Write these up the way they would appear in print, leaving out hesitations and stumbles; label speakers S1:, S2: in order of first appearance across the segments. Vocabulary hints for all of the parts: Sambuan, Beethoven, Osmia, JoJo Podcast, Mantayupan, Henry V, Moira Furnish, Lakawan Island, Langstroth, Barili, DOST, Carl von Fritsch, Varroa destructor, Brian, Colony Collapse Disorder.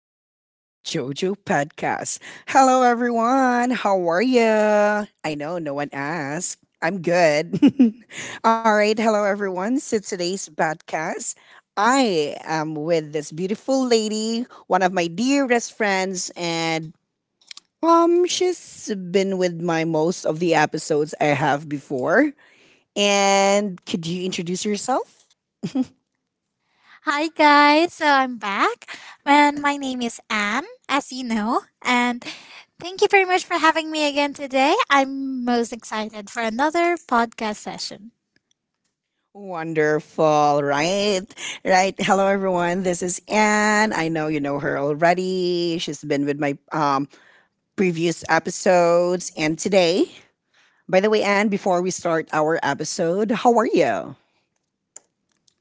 S1: episode of JoJo Podcast. Hello, everyone. How are you? I know no one asked. I'm good. All right. Hello, everyone. So, today's podcast, I am with this beautiful lady, one of my dearest friends, and she's been with my most of the episodes I have before. And could you introduce yourself?
S2: Hi guys, so I'm back, and my name is Anne, as you know, and thank you very much for having me again today. I'm most excited for another podcast session.
S1: Wonderful, right? Right. Hello, everyone. This is Anne. I know you know her already. She's been with my previous episodes. And today, by the way, Anne, before we start our episode, how are you?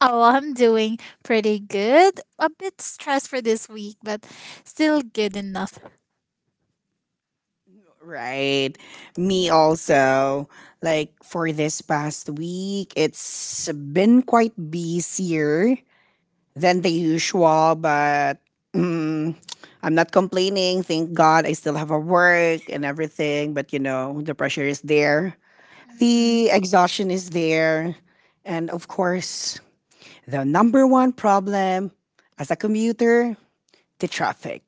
S2: Oh, I'm doing pretty good. A bit stressed for this week, but still good enough.
S1: Right. Me also. Like for this past week, it's been quite busier than the usual, but mm, I'm not complaining. Thank God I still have a work and everything, but the pressure is there.
S2: Mhm.
S1: The exhaustion is there. And of course, the number one problem as a commuter, the traffic.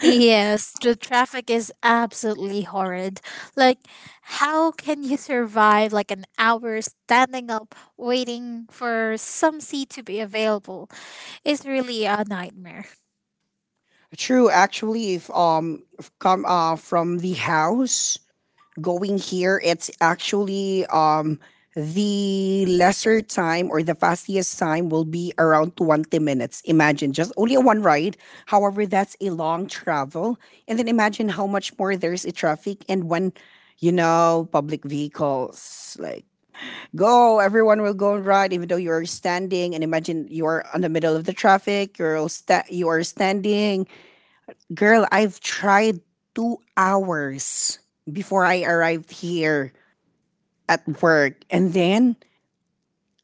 S2: Yes, the traffic is absolutely horrid. Like, how can you survive like an hour standing up waiting for some seat to be available is really a nightmare.
S1: True, actually, if come from the house going here, it's actually the lesser time or the fastest time will be around 20 minutes. Imagine just only a one ride. However, that's a long travel. And then imagine how much more there's a traffic and when, public vehicles like go, everyone will go and ride, even though you're standing. And imagine you're on the middle of the traffic, you're you are standing. Girl, I've tried 2 hours before I arrived here at work. And then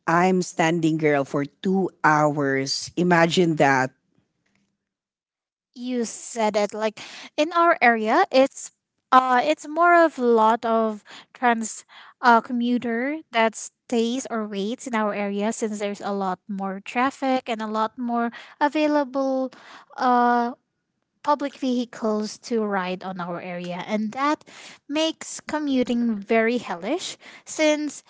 S1: I'm standing, girl, for 2 hours. Imagine that.
S2: You said it like in our area, it's more of a lot of trans commuter that stays or waits in our area since there's a lot more traffic and a lot more available uh, public vehicles to ride on our area, and that makes commuting very hellish since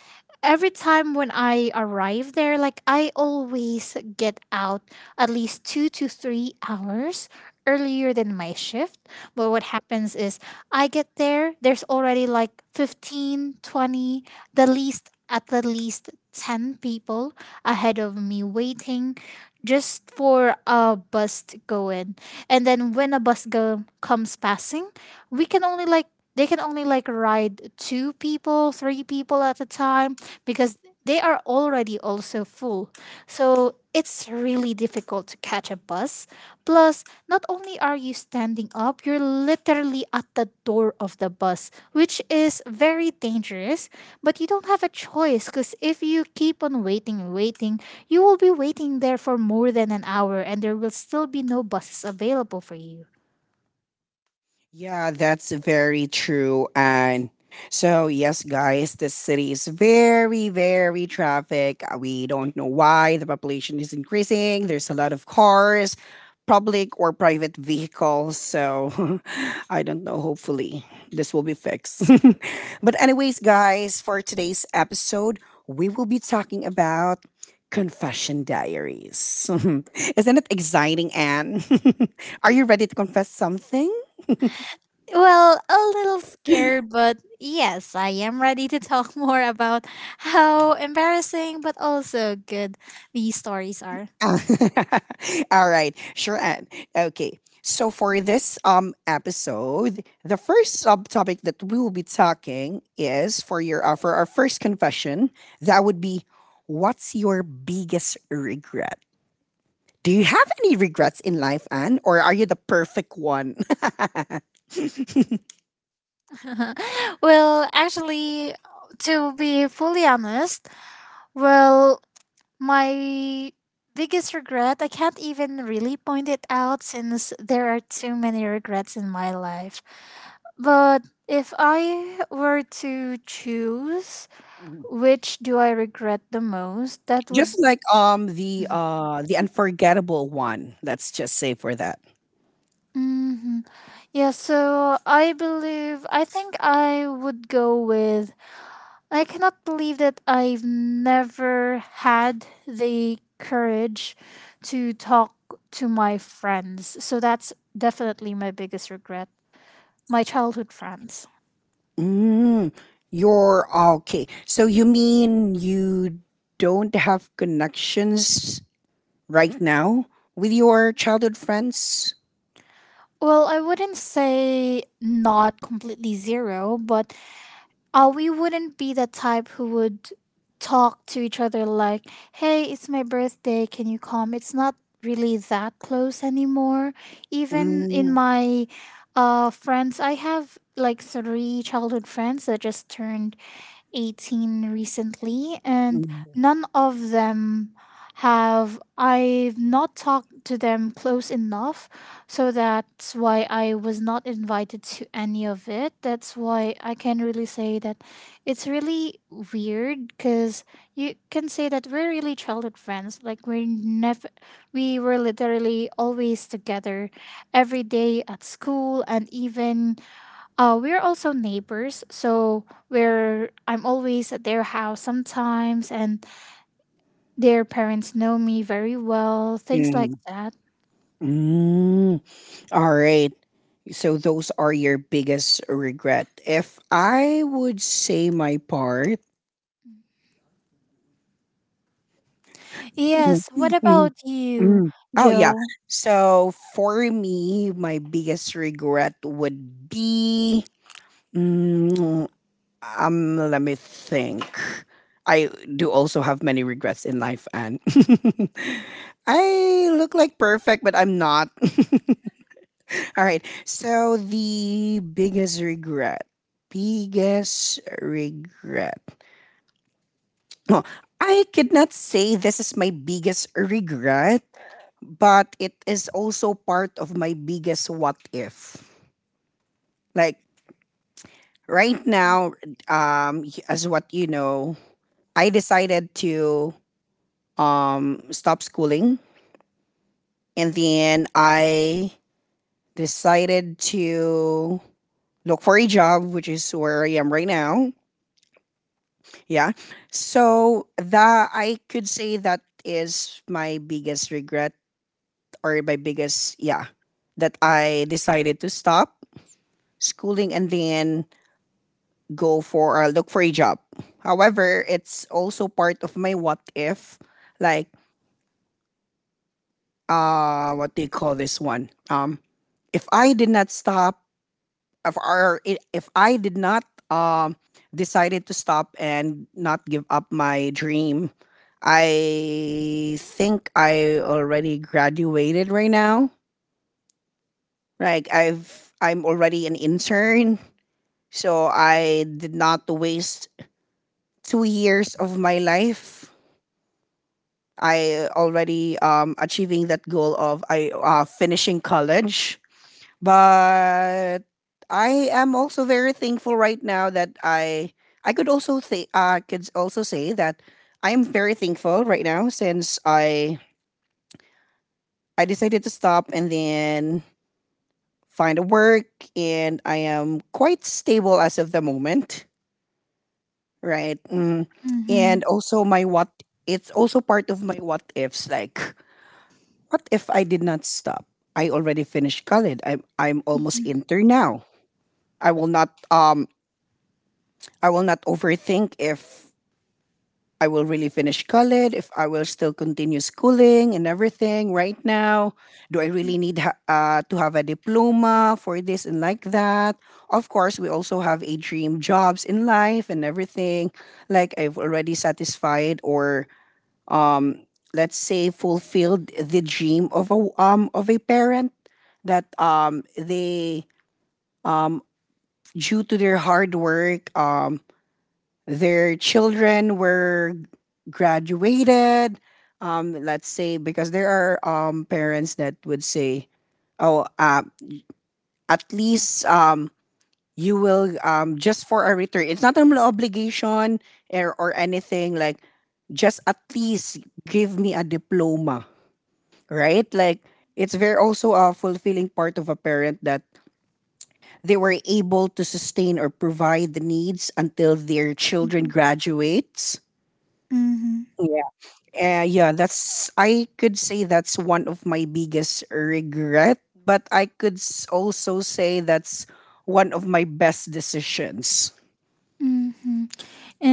S2: every time when I arrive there, like I always get out at least 2 to 3 hours earlier than my shift. But what happens is I get there, there's already like 15, 20, the least, at the least 10 people ahead of me waiting just for a bus to go in, and then when a bus comes passing, we can only like they can only like ride two people three people at a time because they are already also full, so it's really difficult to catch a bus. Plus, not only are you standing up, you're literally at the door of the bus, which is very dangerous. But you don't have a choice because if you keep on waiting and waiting, you will be waiting there for more than an hour and there will still be no buses available for you.
S1: Yeah, that's very true. And so, yes, guys, this city is very, very traffic. We don't know why the population is increasing. There's a lot of cars, public or private vehicles. So, I don't know. Hopefully, this will be fixed. But, anyways, guys, for today's episode, we will be talking about confession diaries. Isn't it exciting, Anne? Are you ready to confess something?
S2: Well, a little scared, but yes, I am ready to talk more about how embarrassing but also good these stories are.
S1: All right, sure. Anne. Okay, so for this episode, the first subtopic that we will be talking is for your for our first confession. That would be, what's your biggest regret? Do you have any regrets in life, Anne, or are you the perfect one?
S2: well, actually, to be fully honest, well, my biggest regret, I can't even really point it out since there are too many regrets in my life. But if I were to choose which do I regret the most, that would.
S1: Just like the the unforgettable one. Let's just say for that.
S2: hmm yeah, so I think I would go with I cannot believe that I've never had the courage to talk to my friends. So that's definitely my biggest regret. My childhood friends.
S1: Mm, you're oh, okay. So you mean you don't have connections right now with your childhood friends?
S2: Well, I wouldn't say not completely zero, but we wouldn't be the type who would talk to each other like, hey, it's my birthday, can you come? It's not really that close anymore. Even in
S1: Mm,
S2: my friends, I have like three childhood friends that just turned 18 recently, and
S1: mm,
S2: none of them have. I've not talked to them close enough, so that's why I was not invited to any of it. That's why I can really say that it's really weird because you can say that we're really childhood friends. Like, we're never, we were literally always together every day at school, and even we're also neighbors, so we're I'm always at their house sometimes, and their parents know me very well, things like
S1: mm,
S2: that.
S1: mm. All right. So those are your biggest regret. If I would say my part, Mm,
S2: Yes. What
S1: mm,
S2: about you,
S1: mm. Oh yeah.
S2: Joe?
S1: So for me, my biggest regret would be. mm, let me think. I do also have many regrets in life, and I look like perfect, but I'm not. All right. So the biggest regret, biggest regret. Well, I could not say this is my biggest regret, but it is also part of my biggest what if. Like right now, as what you know, I decided to stop schooling. And then I decided to look for a job, which is where I am right now. Yeah. So that I could say that is my biggest regret or my biggest, yeah, that I decided to stop schooling and then go for look for a job. However, it's also part of my what if, like what do you call this one? If I did not stop if I did not um decided to stop and not give up my dream, I think I already graduated right now. Like I'm already an intern, so I did not waste 2 years of my life. I already achieving that goal of I finishing college. But I am also very thankful right now that I could also say I could also say that I am very thankful right now since I decided to stop and then find a work and I am quite stable as of the moment, right? Mm.
S2: Mm-hmm.
S1: And also my what it's also part of my what ifs like what if I did not stop? I already finished college. I'm almost
S2: Mm-hmm.
S1: inter now. I will not um I will not overthink if I will really finish college, if I will still continue schooling and everything right now. Do I really need to have a diploma for this and like that? Of course, we also have a dream jobs in life and everything. Like I've already satisfied or um, let's say fulfilled the dream of a parent that they um due to their hard work their children were graduated. Let's say because there are parents that would say, "Oh, at least you will just for a return. It's not an obligation or anything like just at least give me a diploma, right? Like it's very also a fulfilling part of a parent that they were able to sustain or provide the needs until their children
S2: Mm-hmm.
S1: graduates.
S2: Mm-hmm.
S1: Yeah, that's I could say that's one of my biggest regret, but I could also say that's one of my best decisions.
S2: Mm-hmm.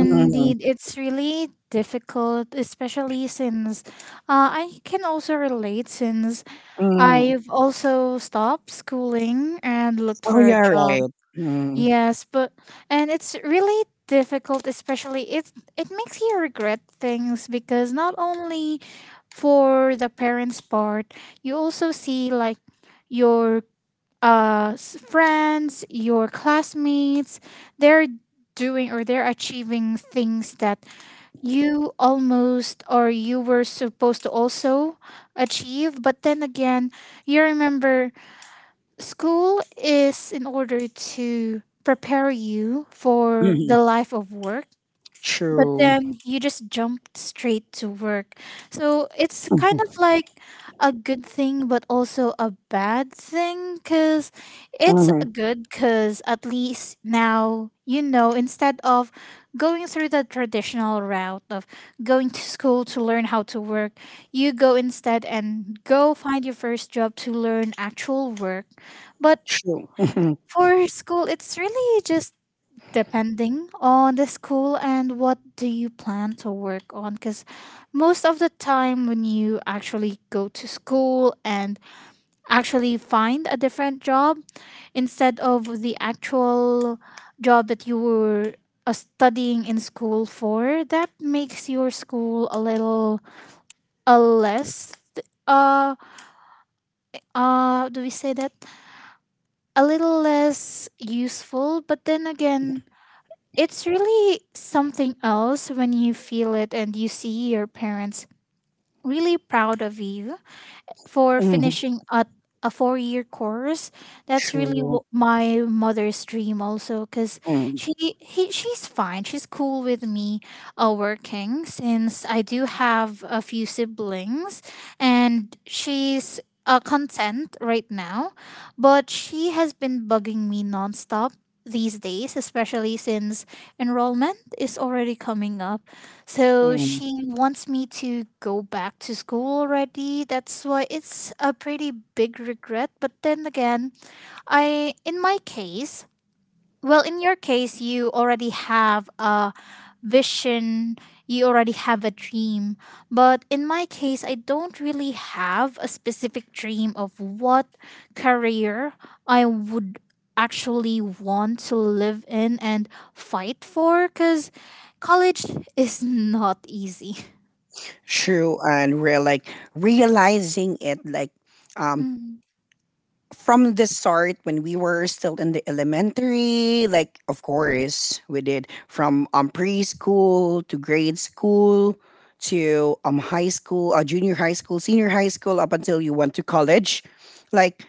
S1: Mhm.
S2: it's really difficult, especially since I can also relate since
S1: Mhm.
S2: I've also stopped schooling and looked
S1: Oh
S2: for a
S1: yeah,
S2: job.
S1: right. Mm.
S2: Yes, but and it's really difficult, especially it makes you regret things because not only for the parents' part, you also see like your friends, your classmates, they're doing or they're achieving things that you almost or you were supposed to also achieve, but then again, you remember school is in order to prepare you for the
S1: Mhm.
S2: life of work, but
S1: True.
S2: then you just jump straight to work. So it's kind of
S1: Mhm.
S2: like a good thing, but also a bad thing because it's
S1: Mhm.
S2: good because at least now you know instead of going through the traditional route of going to school to learn how to work, you go instead and go find your first job to learn actual work. But
S1: True. Mhm.
S2: for school, it's really just depending on the school and what do you plan to work on because most of the time when you actually go to school and actually find a different job instead of the actual job that you were studying in school for, that makes your school a little a less uh do we say that, a little less useful? But then again, it's really something else when you feel it and you see your parents really proud of you for
S1: Mhm.
S2: finishing at a 4-year course. That's really
S1: True.
S2: what my mother's dream also because
S1: Mhm.
S2: she she's fine. She's cool with me working since I do have a few siblings, and she's content right now. But she has been bugging me nonstop these days, especially since enrollment is already coming up, so
S1: Mhm.
S2: she wants me to go back to school already. That's why it's a pretty big regret. But then again, I in my case, well, in your case, you already have a vision, you already have a dream. But in my case, I don't really have a specific dream of what career I would actually want to live in and fight for because college is not easy.
S1: True. And we're like realizing it, like um,
S2: Mm-hmm.
S1: from the start when we were still in the elementary like of course we did from preschool to grade school to high school junior high school senior high school up until you went to college like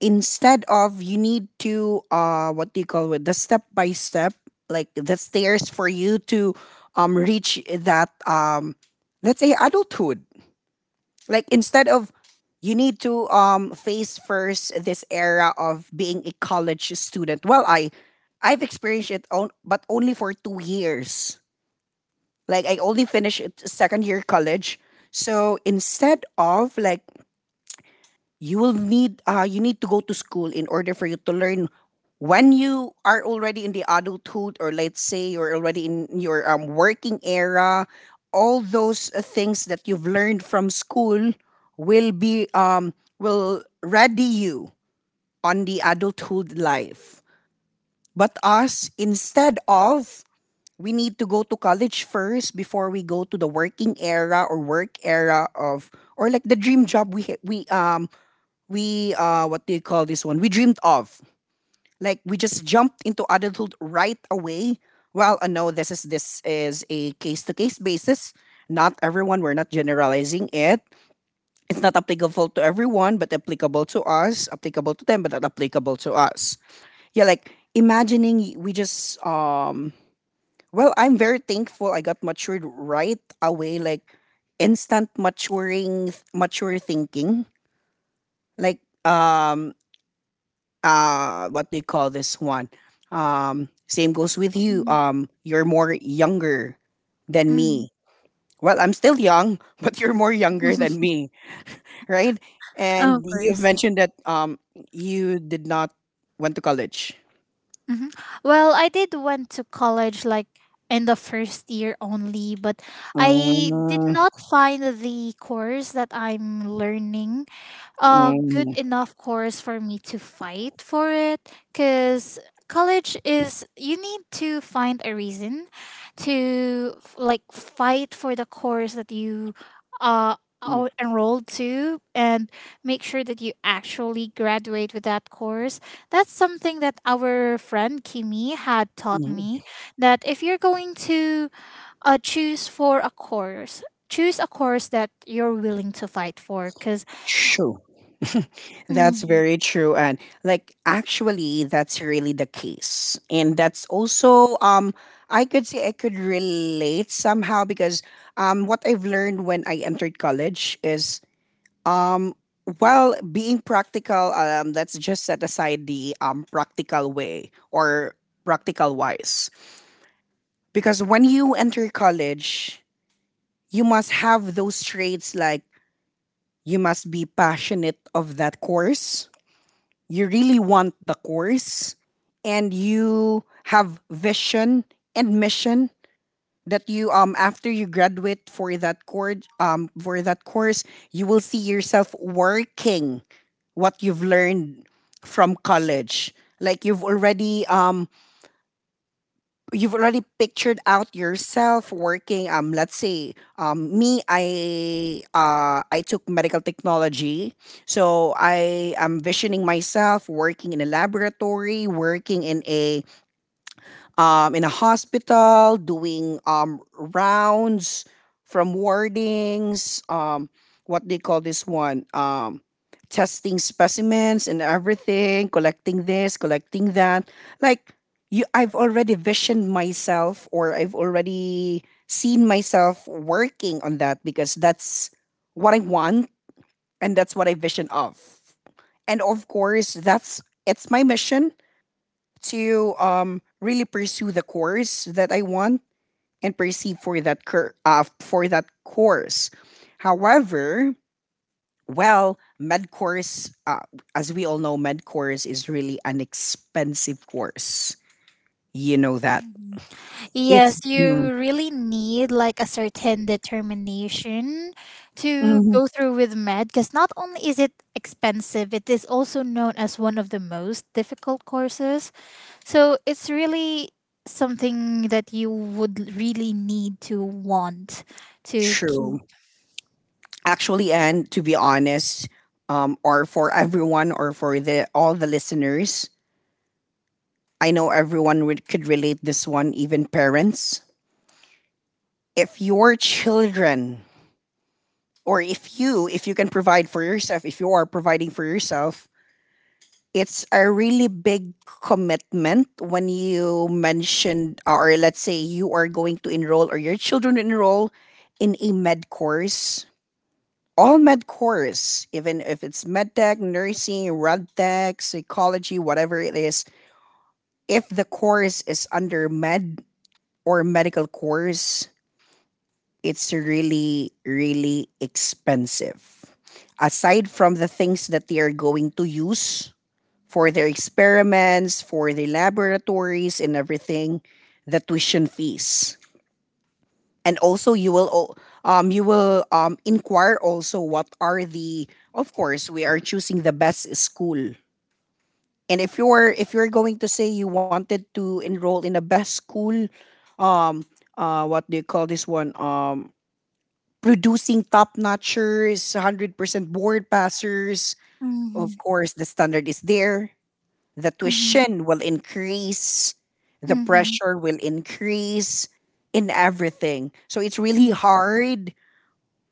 S1: instead of you need to what do you call it the step by step like the stairs for you to reach that let's say adulthood like instead of you need to face first this era of being a college student. Well, I've experienced it on, but only for 2 years. Like I only finished it second year college. So instead of like you will need you need to go to school in order for you to learn when you are already in the adulthood or let's say you're already in your working era all those things that you've learned from school will be will ready you on the adulthood life but us instead of we need to go to college first before we go to the working era or work era of or like the dream job we ha- we what do you call this one? We dreamed of. Like we just jumped into adulthood right away. Well, no, this is a case to case basis. Not everyone, we're not generalizing it. It's not applicable to everyone, but applicable to us, applicable to them, but not applicable to us. Yeah, like imagining we just well, I'm very thankful I got matured right away, like instant maturing mature thinking. Like um, what do you call this one same goes with you
S2: Mm.
S1: you're more younger than
S2: Mm.
S1: me well I'm still young but you're more younger than me right and
S2: Of
S1: you've
S2: course.
S1: mentioned that you did not went to college
S2: Mhm. Well, I did went to college like in the first year only, but I did
S1: Mm,
S2: not find the course that I'm learning a good
S1: mm,
S2: enough course for me to fight for it because college is you need to find a reason like fight for the course that you uh
S1: mm,
S2: are enrolled to, and make sure that you actually graduate with that course. That's something that our friend Kimi had taught me,
S1: mm.
S2: that if you're going to uh, choose for a course choose a course that you're willing to fight for because.
S1: Sure. That's very true. And like actually that's really the case. And that's also I could say I could relate somehow because what I've learned when I entered college is um well being practical let's just set aside the practical way or practical wise. Because when you enter college, you must have those traits like you must be passionate of that course you really want the course and you have vision and mission that you after you graduate for that course you will see yourself working what you've learned from college like you've already pictured out yourself working let's say me I took medical technology so I am visioning myself working in a laboratory working in a hospital, doing rounds from wardings, what they call this one, testing specimens and everything, collecting this, collecting that. Like you, I've already visioned myself, or I've already seen myself working on that because that's what I want and that's what I vision of. And of course, that's it's my mission to really pursue the course that I want and perceive for that for that course. However, well, med course, as we all know, med course is really an expensive course. You know that
S2: Mhm.
S1: it's
S2: Yes, you really need like a certain determination to
S1: mhm,
S2: go through with med because not only is it expensive, it is also known as one of the most difficult courses. So it's really something that you would really need to want to keep.
S1: true. Actually, and to be honest, or for everyone, or for the all the listeners, I know everyone would, could relate this one, even parents. If your children or if you can provide for yourself if you are providing for yourself, it's a really big commitment when you mentioned or let's say you are going to enroll or your children enroll in a med course, all med course, even if it's med tech, nursing, rad tech, psychology, whatever it is, if the course is under med or medical course, it's really, really expensive. Aside from the things that they are going to use for their experiments, for the laboratories, and everything, the tuition fees. And also, you will inquire also what are the. Of course, we are choosing the best school. And if you're going to say you wanted to enroll in a best school, um, what do you call this one? Producing top notchers, 100% board passers. Of
S2: Mm-hmm.
S1: course, the standard is there. The
S2: Mm-hmm.
S1: tuition will increase, the
S2: Mm-hmm.
S1: pressure will increase in everything. So it's really hard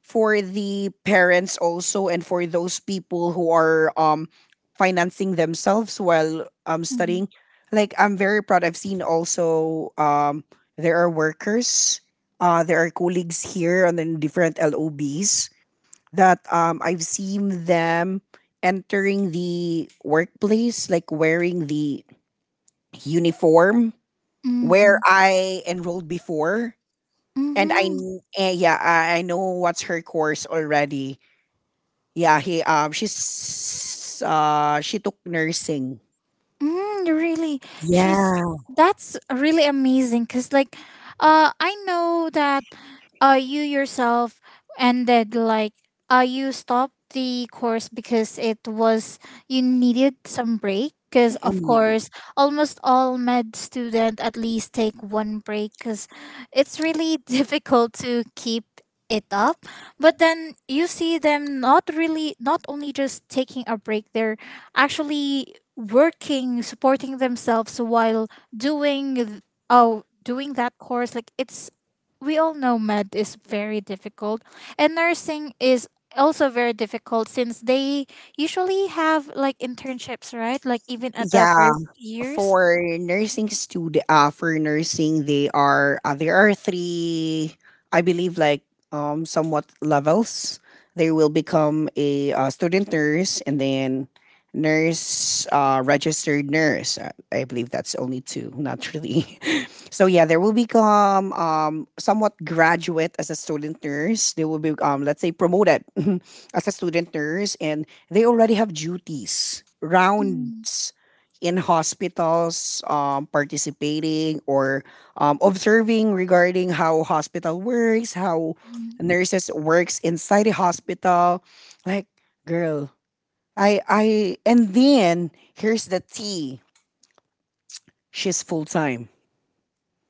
S1: for the parents also and for those people who are financing themselves while
S2: Mm-hmm.
S1: studying. Like, I'm very proud. I've seen also there are workers, there are colleagues here and then different LOBs that I've seen them entering the workplace, like wearing the uniform where I enrolled before. And
S2: Mm-hmm.
S1: yeah, I know what's her course already. Yeah, he she's she took nursing.
S2: Mm, really, she's
S1: Yeah.
S2: that's really amazing. Cause like, I know that, you yourself ended like, you stopped the course because it was you needed some break. Cause of course, almost all med student at least take one break. Cause it's really difficult to keep it up, but then you see them not only just taking a break, they're actually working, supporting themselves while doing th- oh doing that course. Like it's we all know med is very difficult, and nursing is also very difficult since they usually have like internships, right? Like even at the
S1: Yeah,
S2: first years.
S1: for nursing student, for nursing, they are there are three, I believe, like somewhat levels. They will become a student nurse and then nurse, registered nurse. I believe that's only two, not really. So yeah, there will become somewhat graduate as a student nurse. They will be let's say promoted as a student nurse, and they already have duties rounds in hospitals, participating or observing regarding how hospital works, how
S2: Mm,
S1: nurses works inside a hospital. Like, girl, I and then here's the T. She's full time.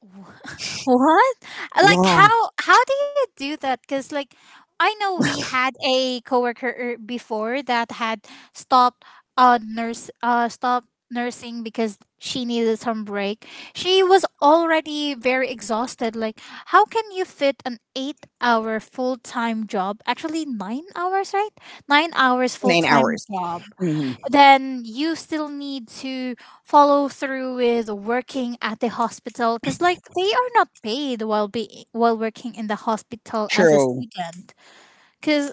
S2: Wha- What? Like
S1: Wow,
S2: how do you do that? Cuz like I know we had a coworker before that had stopped nurse stopped nursing because she needed some break. She was already very exhausted. Like how can you fit an 8-hour full-time job? Actually 9 hours, right? 9 hours
S1: nine
S2: full-time
S1: hours.
S2: job,
S1: Mhm.
S2: then you still need to follow through with working at the hospital because like they are not paid while working in the hospital as a
S1: True.
S2: student because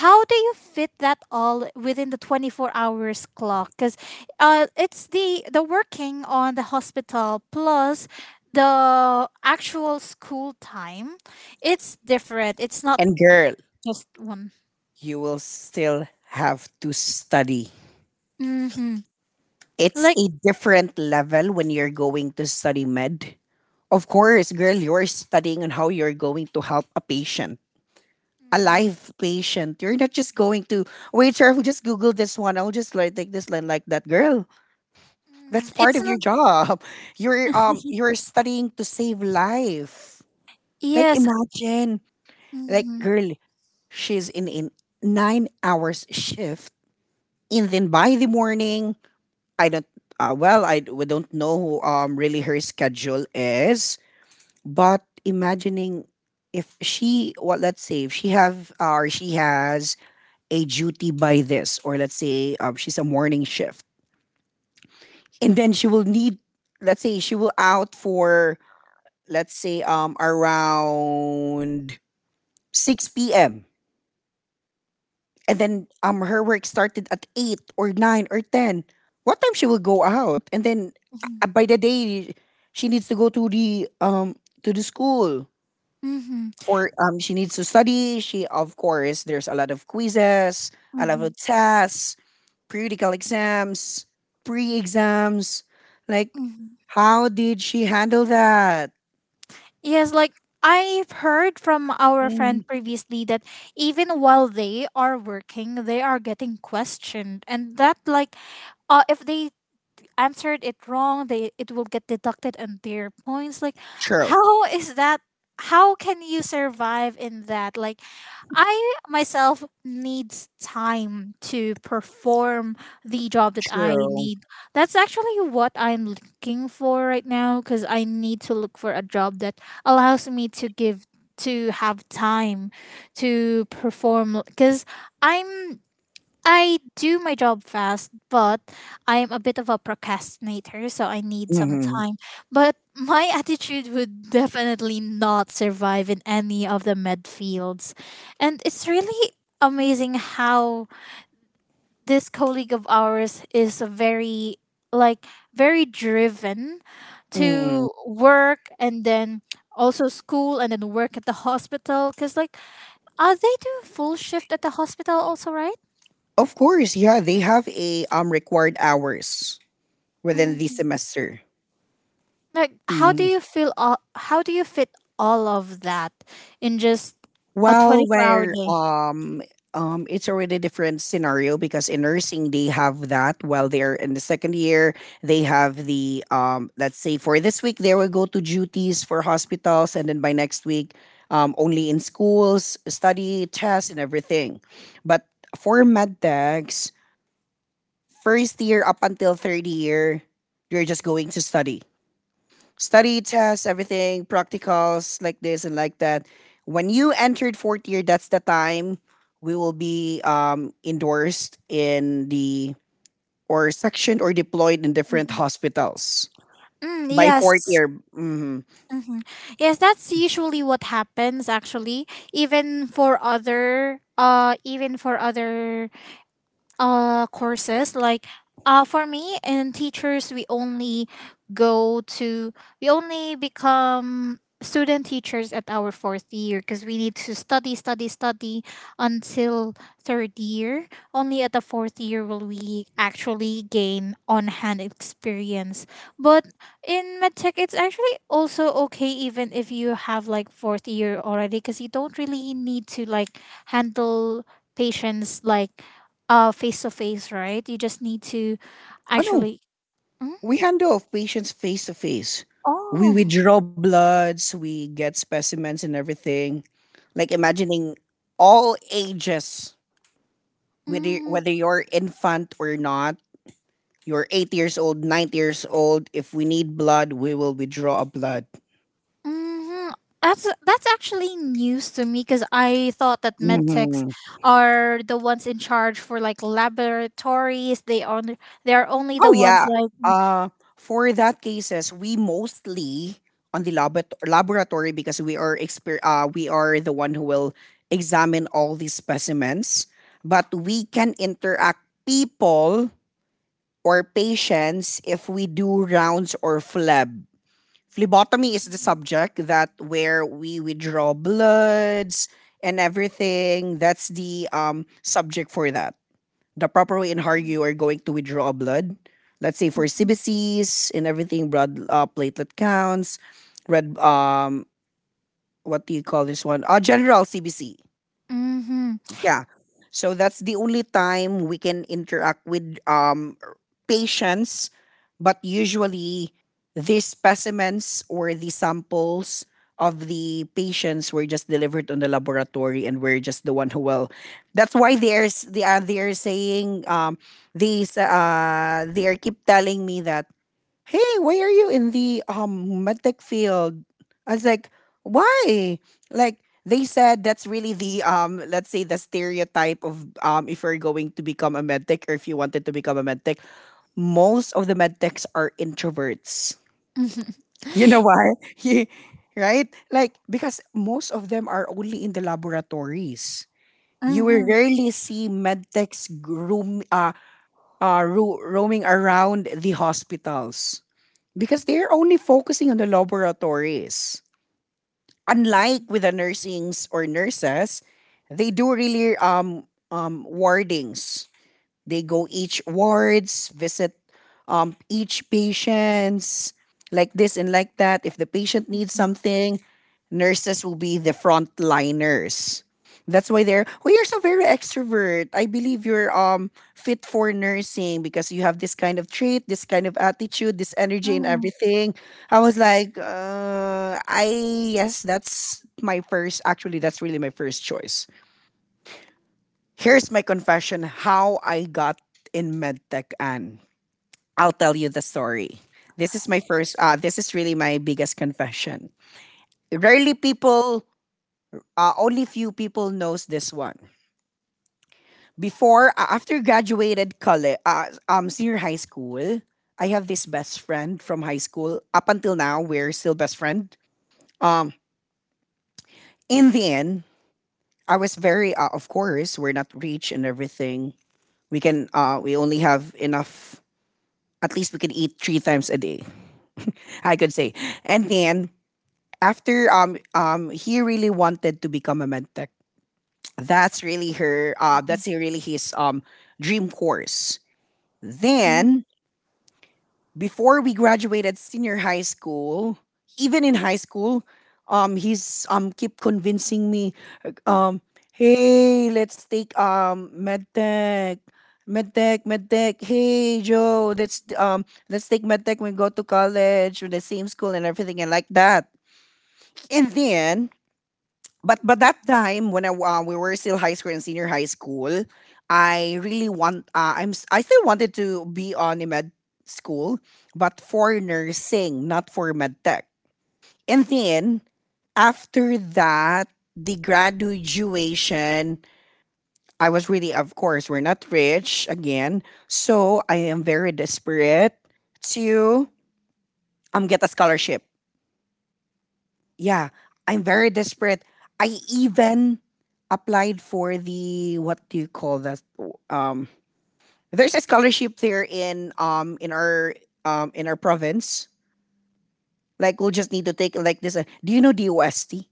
S2: how do you fit that all within the 24 hours clock because it's the working on the hospital plus the actual school time. It's different, it's not
S1: And girl,
S2: just one.
S1: you will still have to study.
S2: Hmm,
S1: It's
S2: like.
S1: a different level when you're going to study med. Of course, girl, you're studying on how you're going to help a patient, a
S2: Mhm.
S1: live patient. You're not just going to wait, sir. I'll just Google this one. I'll just like take this line like that, girl. That's
S2: Mhm.
S1: part
S2: It's
S1: of your
S2: not.
S1: job. You're studying to save life. Like
S2: Yes.
S1: imagine, like
S2: Mhm.
S1: girl, she's in 9 hours shift, and then by the morning, I don't. Well, we don't know who, really her schedule is. But imagining if she, well, let's say if she have or she has a duty by this, or let's say she's a morning shift, and then she will need, let's say she will out for, let's say around 6 p.m., and then her work started at 8 or 9 or 10, what time she will go out. And then
S2: Mhm.
S1: by the day, she needs to go to the school
S2: Mhm.
S1: for, she needs to study. She, of course, there's a lot of quizzes, a lot
S2: Mhm.
S1: of tests, periodical exams, pre-exams. Like,
S2: Mhm.
S1: how did she handle that?
S2: Yes, like I've heard from our
S1: Mm,
S2: friend previously that even while they are working, they are getting questioned, and that like, if they answered it wrong, they it will get deducted on their points. Like,
S1: true,
S2: how is that? How can you survive in that? Like, I myself needs time to perform the job that I
S1: true.
S2: need. That's actually what I'm looking for right now because I need to look for a job that allows me to have time to perform because I'm I do my job fast, but I am a bit of a procrastinator, so I need some
S1: Hmm.
S2: time. But my attitude would definitely not survive in any of the med fields. And it's really amazing how this colleague of ours is a very like very driven
S1: Hmm.
S2: to work, and then also school, and then work at the hospital because like they do full shift at the hospital also, right?
S1: Of course, yeah, they have a required hours within the
S2: Mm.
S1: semester.
S2: Like
S1: Mm-hmm.
S2: how do you fit all of that in just a
S1: Well,
S2: 24-hour
S1: where
S2: day?
S1: it's already different scenario because in nursing they have that while they're in the second year, they have the, let's say for this week they will go to duties for hospitals, and then by next week only in schools, study, tests, and everything. But for med techs, first year up until third year, you're just going to study, study, tests, everything, practicals, like this and like that. When you entered fourth year, that's the time we will be endorsed in the or sectioned or deployed in different
S2: Mhm.
S1: hospitals
S2: Mm,
S1: by fourth
S2: yes.
S1: year. Hmm.
S2: hmm yes, that's usually what happens actually, even for other courses like for me and teachers, we only go to we only become student teachers at our fourth year because we need to study study study until third year. Only at the fourth year will we actually gain on-hand experience, but in medtech it's actually also okay even if you have like fourth year already because you don't really need to like handle patients like face to face, right? You just need to
S1: Oh no,
S2: actually. Mm?
S1: we handle of patients face to face. We
S2: Oh,
S1: withdraw bloods, we get specimens, and everything. Like imagining all ages, whether
S2: mm,
S1: whether you're infant or not. You're 8 years old, 9 years old. If we need blood, we will withdraw a blood.
S2: hmm, that's actually news to me because I thought that medtechs
S1: Mhm.
S2: are the ones in charge for like laboratories. They are only the
S1: Oh
S2: ones
S1: yeah.
S2: like. Mm-hmm.
S1: Uh, for that cases, we mostly on the laboratory because we are we are the one who will examine all these specimens. But we can interact people or patients if we do rounds or fleb. Phlebotomy is the subject that where we withdraw bloods and everything. That's the subject for that, the proper way in how you are going to withdraw blood, let's say for cbcs and everything, blood, platelet counts, red, what do you call this one, general cbc.
S2: Mm-hmm.
S1: Yeah. So that's the only time we can interact with patients. But usually, these specimens or the samples of the patients were just delivered on the laboratory, and we're just the one who will. That's why there's they are saying they are keep telling me that, hey, why are you in the medtech field? I was like, why? Like, they said that's really the let's say the stereotype of if you're going to become a medtech, or if you wanted to become a medtech, most of the medtechs are introverts.
S2: Mm-hmm.
S1: You know why? Yeah, right? Like, because most of them are only in the laboratories. You will
S2: Mm-hmm,
S1: rarely see medtechs roaming around the hospitals. Because they're only focusing on the laboratories. Unlike with the nursings or nurses, they do really wardings. They go each wards, visit each patients, like this and like that. If the patient needs something, nurses will be the frontliners. That's why they're, oh, you're so very extrovert. I believe you're fit for nursing because you have this kind of trait, this kind of attitude, this energy, and everything. I was like, I yes, that's my first. Actually, that's really my first choice. Here's my confession how I got in medtech, and I'll tell you the story. This is my first this is really my biggest confession. Rarely people, only few people knows this one. Before, after graduated college, senior high school, I have this best friend from high school. Up until now, we're still best friend. Um, in the end, I was very, of course, we're not rich and everything. We can, we only have enough, at least we could eat 3 times a day, I could say. And then after he really wanted to become a med tech. That's really her that's really his dream course.
S2: mm-hmm.
S1: Then before we graduated senior high school, even in high school, he's keep convincing me, um, hey, let's take medtech, medtech, medtech. Hey, Joe, let's take medtech when we go to college, with the same school and everything and like that. And then, but that time when I we were still high school and senior high school, I really want, I still wanted to be on a med school, but for nursing, not for med tech. And then after that, the graduation, I was really, of course, we're not rich again, so I am very desperate to get a scholarship. Yeah, I'm very desperate. I even applied for the, what do you call that? Um, there's a scholarship there in our province. Like, we'll just need to take like this. Do you know DOST?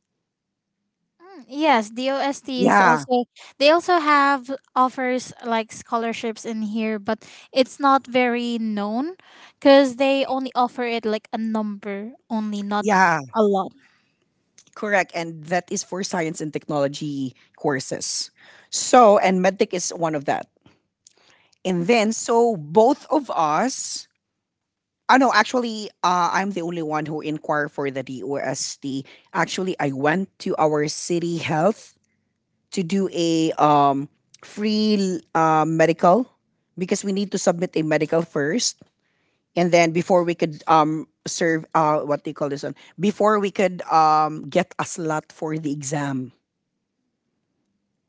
S2: Mm, yes, the OST is
S1: Yeah,
S2: also they also have offers like scholarships in here, but it's not very known because they only offer it like a number only, not
S1: yeah,
S2: a lot.
S1: correct. And that is for science and technology courses. So, and medtech is one of that. And then so both of us, ah, no, actually, I'm the only one who inquired for the DOST. Actually, I went to our city health to do a, free medical, because we need to submit a medical first, and then before we could serve what do you call this one? Before we could get a slot for the exam,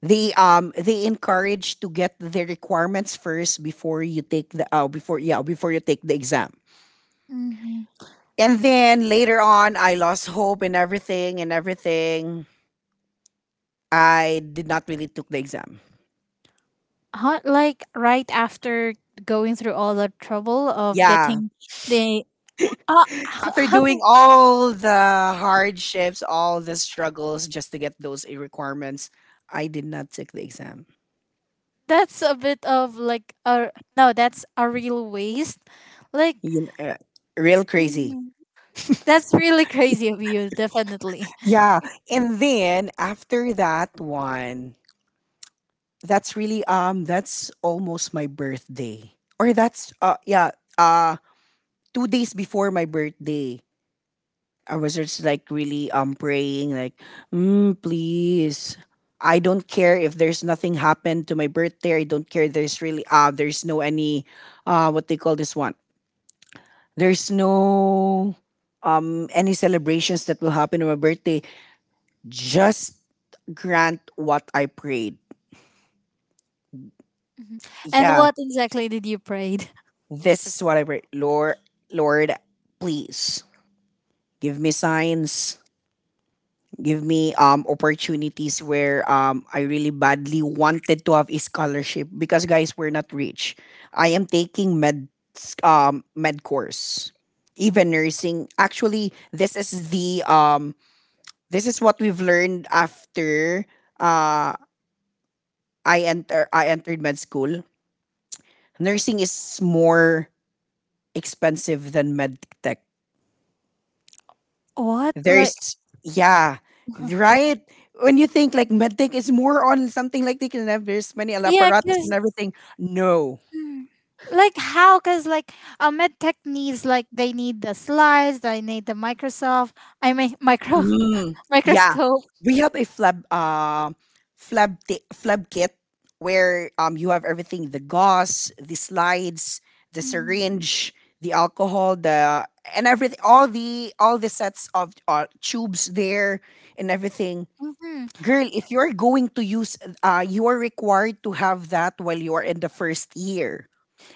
S1: they encourage to get the requirements first before you take the before yeah, before you take the exam.
S2: Mm-hmm.
S1: And then later on, I lost hope and everything and everything. I did not really took the exam.
S2: How, like right after going through all the trouble of
S1: Yeah.
S2: getting the ah
S1: After doing all the hardships, all the struggles just to get those requirements, I did not take the exam.
S2: that's a bit of like a no, that's a real waste, like
S1: You kn- uh, real crazy.
S2: mm, that's really crazy of you definitely.
S1: Yeah. And then after that one, that's really that's almost my birthday. Or that's yeah, uh 2 days before my birthday. I was just like really praying like, mm, please. I don't care if there's nothing happened to my birthday. I don't care. There's really there's no any what they call this one. There's no any celebrations that will happen on my birthday. Just grant what I prayed.
S2: Mhm. And
S1: Yeah,
S2: what exactly did you prayed?
S1: this is what I prayed. Lord, Lord, please give me signs, give me opportunities where I really badly wanted to have a scholarship because, guys, we're not rich. I am taking med, med course. Even nursing. Actually, this is the this is what we've learned after uh I entered med school. Nursing is more expensive than med tech.
S2: What like?
S1: There's, yeah, right? When you think like medtech is more on something, like they can have, there's many
S2: Yeah,
S1: apparatus and
S2: because
S1: everything. No.
S2: like how? Because like a med tech needs like they need the slides, they need the microsoft, I mean micro
S1: Mm, yeah.
S2: microscope.
S1: We have a flab kit where you have everything, the gauze, the slides, the syringe, the alcohol, the and everything, all the sets of tubes there and everything.
S2: Mm-hmm.
S1: Girl, if you're going to use, you are required to have that while you are in the first year.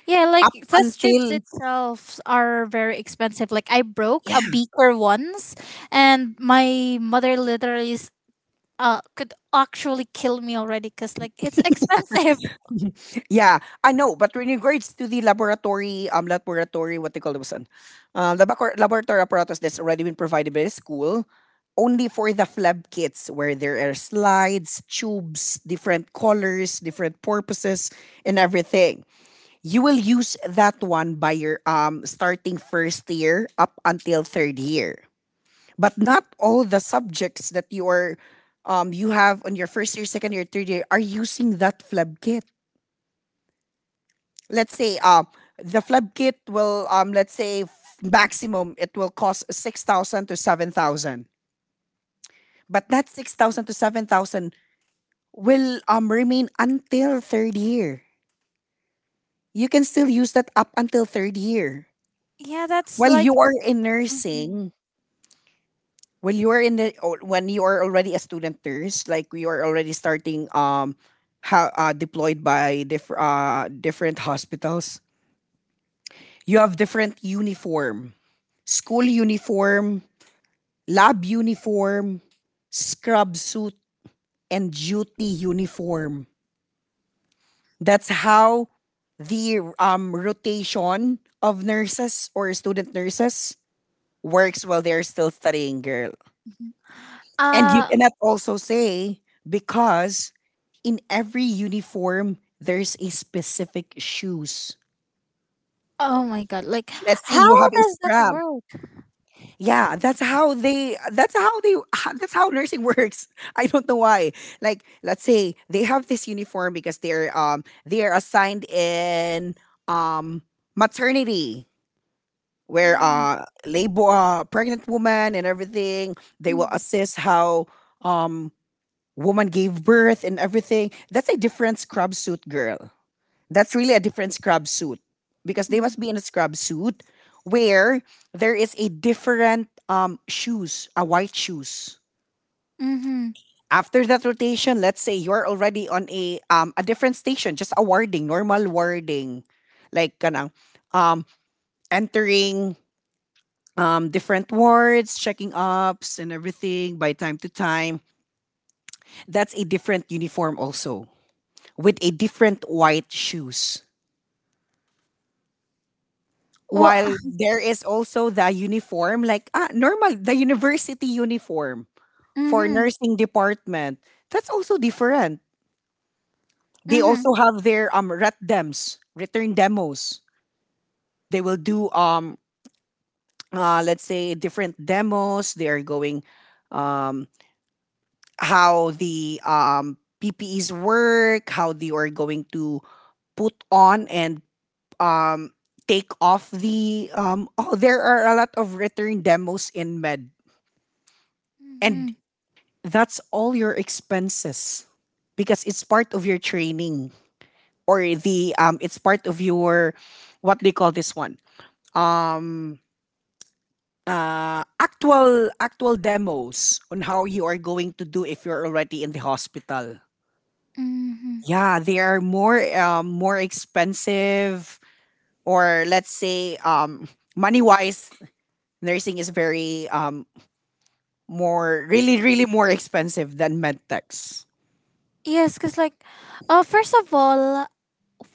S2: Yeah, like
S1: Up
S2: test tubes
S1: until,
S2: itself are very expensive. Like I broke a
S1: yeah,
S2: beaker once, and my mother literally could actually kill me already because like it's expensive.
S1: yeah, I know. But in regards to the laboratory, what they call this one, the laboratory apparatus, that's already been provided by the school, only for the flab kits where there are slides, tubes, different colors, different purposes, and everything. You will use that one by your starting first year up until third year, but not all the subjects that you are you have on your first year, second year, third year are using that fleb kit. Let's say the fleb kit will maximum it will cost 6,000 to 7,000, but that 6,000 to 7,000 will um remain until third year. You can still use that up until third year.
S2: Yeah, that's
S1: While you
S2: like
S1: are in nursing, when you are in the or when you are already a student nurse, like we are already starting how deployed by different hospitals, you have different uniform, school uniform, lab uniform, scrub suit, and duty uniform. That's how the rotation of nurses or student nurses works while they're still studying, girl. And you
S2: uh
S1: cannot also say because in every uniform there's a specific shoes.
S2: oh my god! Like
S1: Let's say you
S2: how
S1: have a
S2: does that
S1: scrub.
S2: work?
S1: Yeah, that's how they, that's how they that's how nursing works. I don't know why. Like let's say they have this uniform because they're assigned in um maternity where
S2: Mm,
S1: labor, pregnant woman and everything, they will
S2: mm,
S1: assess how um woman gave birth and everything. That's a different scrub suit, girl. That's really a different scrub suit because they
S2: mm,
S1: must be in a scrub suit where there is a different shoes, a white shoes.
S2: mm-hmm.
S1: After that rotation, let's say you're already on a different station, just a warding, normal warding, like kanang um entering different wards, checking ups and everything by time to time. That's a different uniform also, with a different white shoes.
S2: Well,
S1: While there is also the uniform, like ah, normal, the university uniform for
S2: mm-hmm,
S1: nursing department. That's also different. They
S2: mm-hmm,
S1: also have their ret dems, return demos. They will do let's say different demos. They are going um how the PPEs work, how they are going to put on and um take off the oh, there are a lot of return demos in med,
S2: mm-hmm,
S1: and that's all your expenses because it's part of your training or the it's part of your, what do you call this one, um actual demos on how you are going to do if you're already in the hospital.
S2: mm-hmm.
S1: Yeah, they are more more expensive, or let's say money wise, nursing is very more, really really more expensive than medtechs.
S2: Yes, because like, first of all,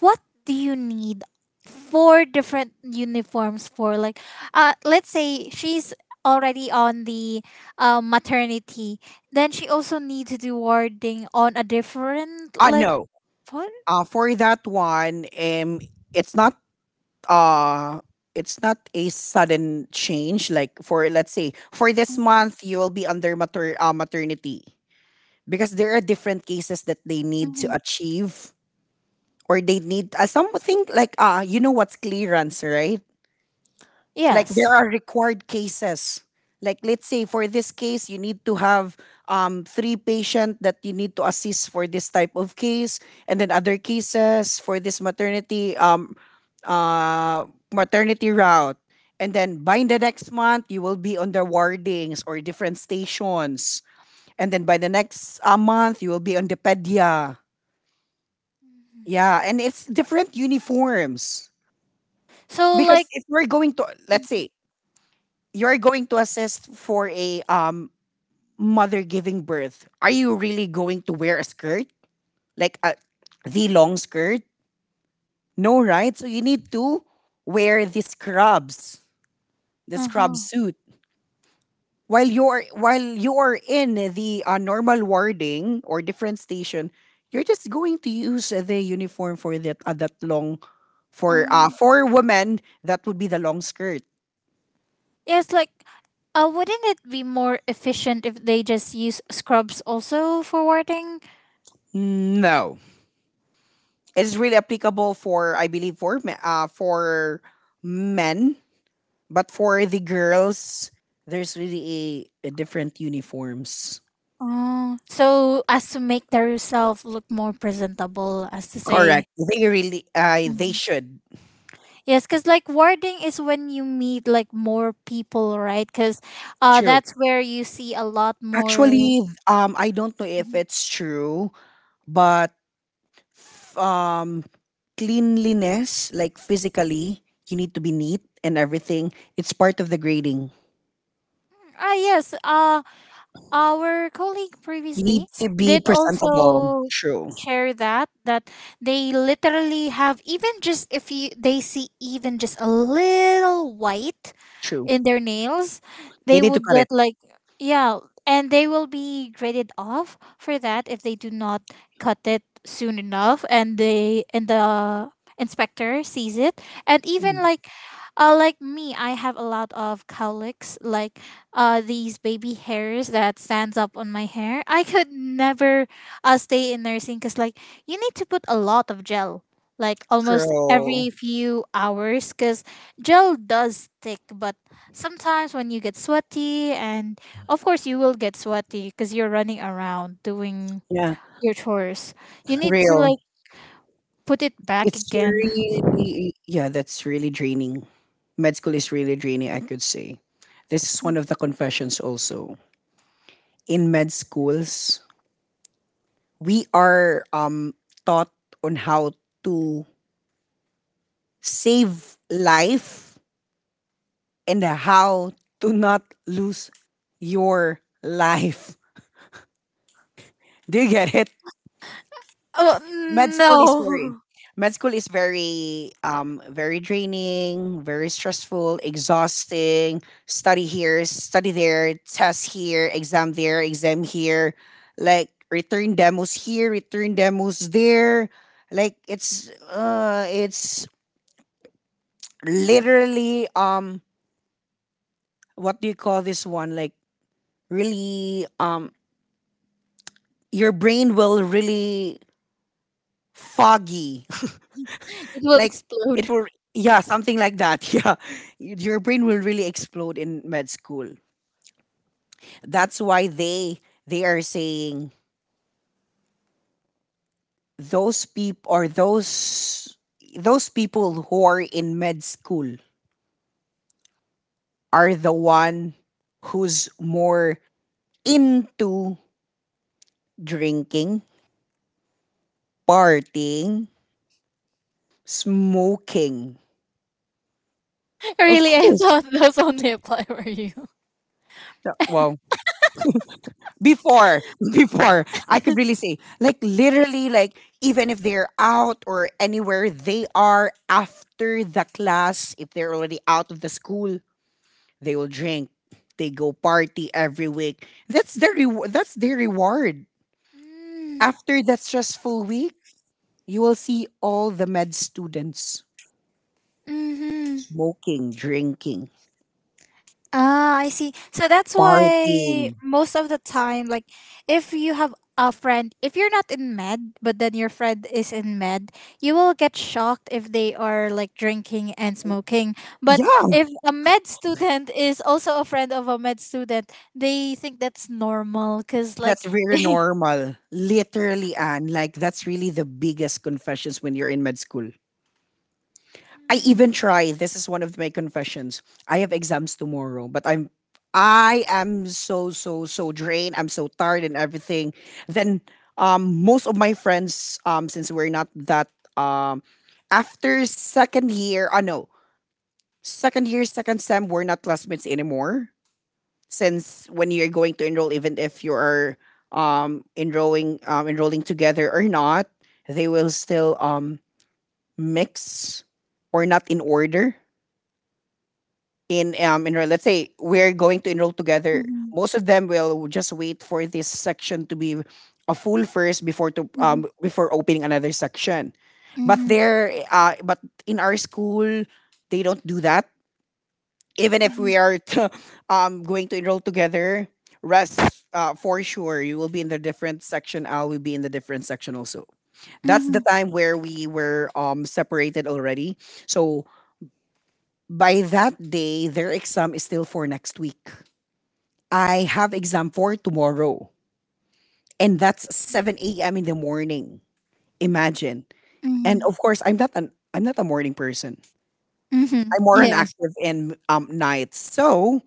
S2: what do you need four different uniforms for? Like let's say she's already on the maternity, then she also needs to do warding on a different,
S1: Uh,
S2: like,
S1: no.
S2: what?
S1: For that one um, it's not, uh it's not a sudden change. Like for, let's say, for this month you will be under maternity because there are different cases that they need to
S2: Mhm.
S1: achieve, or they need uh something like uh, you know what's clearance, right? Like
S2: Yes,
S1: there are required cases. Like let's say for this case you need to have um 3 patient that you need to assist for this type of case, and then other cases for this maternity uh, maternity route, and then by the next month you will be on the wardings or different stations, and then by the next uh month you will be on the pedia. Yeah, and it's different uniforms.
S2: so like
S1: Because if we're going to, let's say, you're going to assist for a mother giving birth, are you really going to wear a skirt? Like a, the long skirt? No, right? So you need to wear the scrubs, the scrub
S2: uh-huh.
S1: suit. While you're in the uh normal warding or different station, you're just going to use the uniform for that that long,
S2: Mm.
S1: for women that would be the long skirt.
S2: Yes, like wouldn't it be more efficient if they just use scrubs also for warding?
S1: No. It is really applicable for, I believe, for for men, but for the girls, there's really a different uniforms.
S2: Oh, so as to make their self look more presentable, as to say.
S1: Correct. They really they should.
S2: Yes, because like warding is when you meet like more people, right? Because
S1: True.
S2: that's where you see a lot more.
S1: Actually, I don't know if
S2: Mhm.
S1: it's true, but um, cleanliness, like physically, you need to be neat and everything. It's part of the grading.
S2: Ah, yes. Our colleague
S1: You need
S2: previously
S1: to be
S2: did
S1: presentable.
S2: also
S1: True.
S2: share that they literally have even just if you they see even just a little white
S1: True.
S2: in their nails,
S1: They
S2: they
S1: need to
S2: would
S1: cut
S2: get
S1: it.
S2: like yeah, and they will be graded off for that if they do not cut it soon enough and they and the inspector sees it. And even
S1: Mm,
S2: like me, I have a lot of cowlicks, like these baby hairs that stands up on my hair. I could never stay in nursing because like you need to put a lot of gel, like almost
S1: true.
S2: every few hours, because gel does stick, but sometimes when you get sweaty and of course you will get sweaty because you're running around doing
S1: Yeah.
S2: your chores, you need to
S1: Real.
S2: like put it back
S1: It's
S2: again.
S1: really, yeah, that's really draining. Med school is really draining, I could say. This is one of the confessions also. In med schools, we are um taught on how to save life and how to not lose your life. Do you get it?
S2: Oh
S1: med school is very
S2: no.
S1: med school is very very draining, very stressful, exhausting. Study here, study there, test here, exam there, exam here, like return demos here, return demos there. Like it's literally um, what do you call this one, like really um, your brain will really foggy.
S2: It will
S1: Like it
S2: explode.
S1: will, yeah, something like that. Yeah, your brain will really explode in med school. That's why they are saying those people, or those people who are in med school are the one who's more into drinking, partying, smoking. Of
S2: Really? I
S1: course.
S2: thought those only apply for you.
S1: Yeah, wow. Before, before I could really say, like literally, like even if they're out or anywhere they are, after the class, if they're already out of the school, they will drink, they go party every week. That's their that's their reward after that stressful week. You will see all the med students
S2: Mm-hmm.
S1: smoking, drinking,
S2: Ah, I see. So that's
S1: partying.
S2: why most of the time, like, if you have a friend, if you're not in med, but then your friend is in med, you will get shocked if they are like drinking and smoking. But
S1: Yeah,
S2: if a med student is also a friend of a med student, they think that's normal, because like.
S1: that's very normal, literally, and like that's really the biggest confessions when you're in med school. I even
S2: Mm,
S1: try. This is one of my confessions. I have exams tomorrow, but I am so so so drained. I'm so tired and everything. Then um, most of my friends um, since we're not that um, after second year, I no, second year second sem we're not classmates anymore. Since when you're going to enroll, even if you are enrolling together or not, they will still mix or not in order in enroll. Let's say we're going to enroll together.
S2: mhm,
S1: Most of them will just wait for this section to be a full first before to
S2: mhm,
S1: before opening another section. But
S2: mhm,
S1: but in our school, they don't do that. Even if
S2: mhm,
S1: we are to, um, going to enroll together, rest for sure you will be in the different section. I will be in the different section also. That's the
S2: mhm,
S1: time where we were separated already. So by that day, their exam is still for next week. I have exam for tomorrow, and that's 7 a.m. in the morning. Imagine. And
S2: mhm,
S1: of course, I'm not a morning person.
S2: mhm.
S1: I'm more an
S2: Yes.
S1: active in nights. So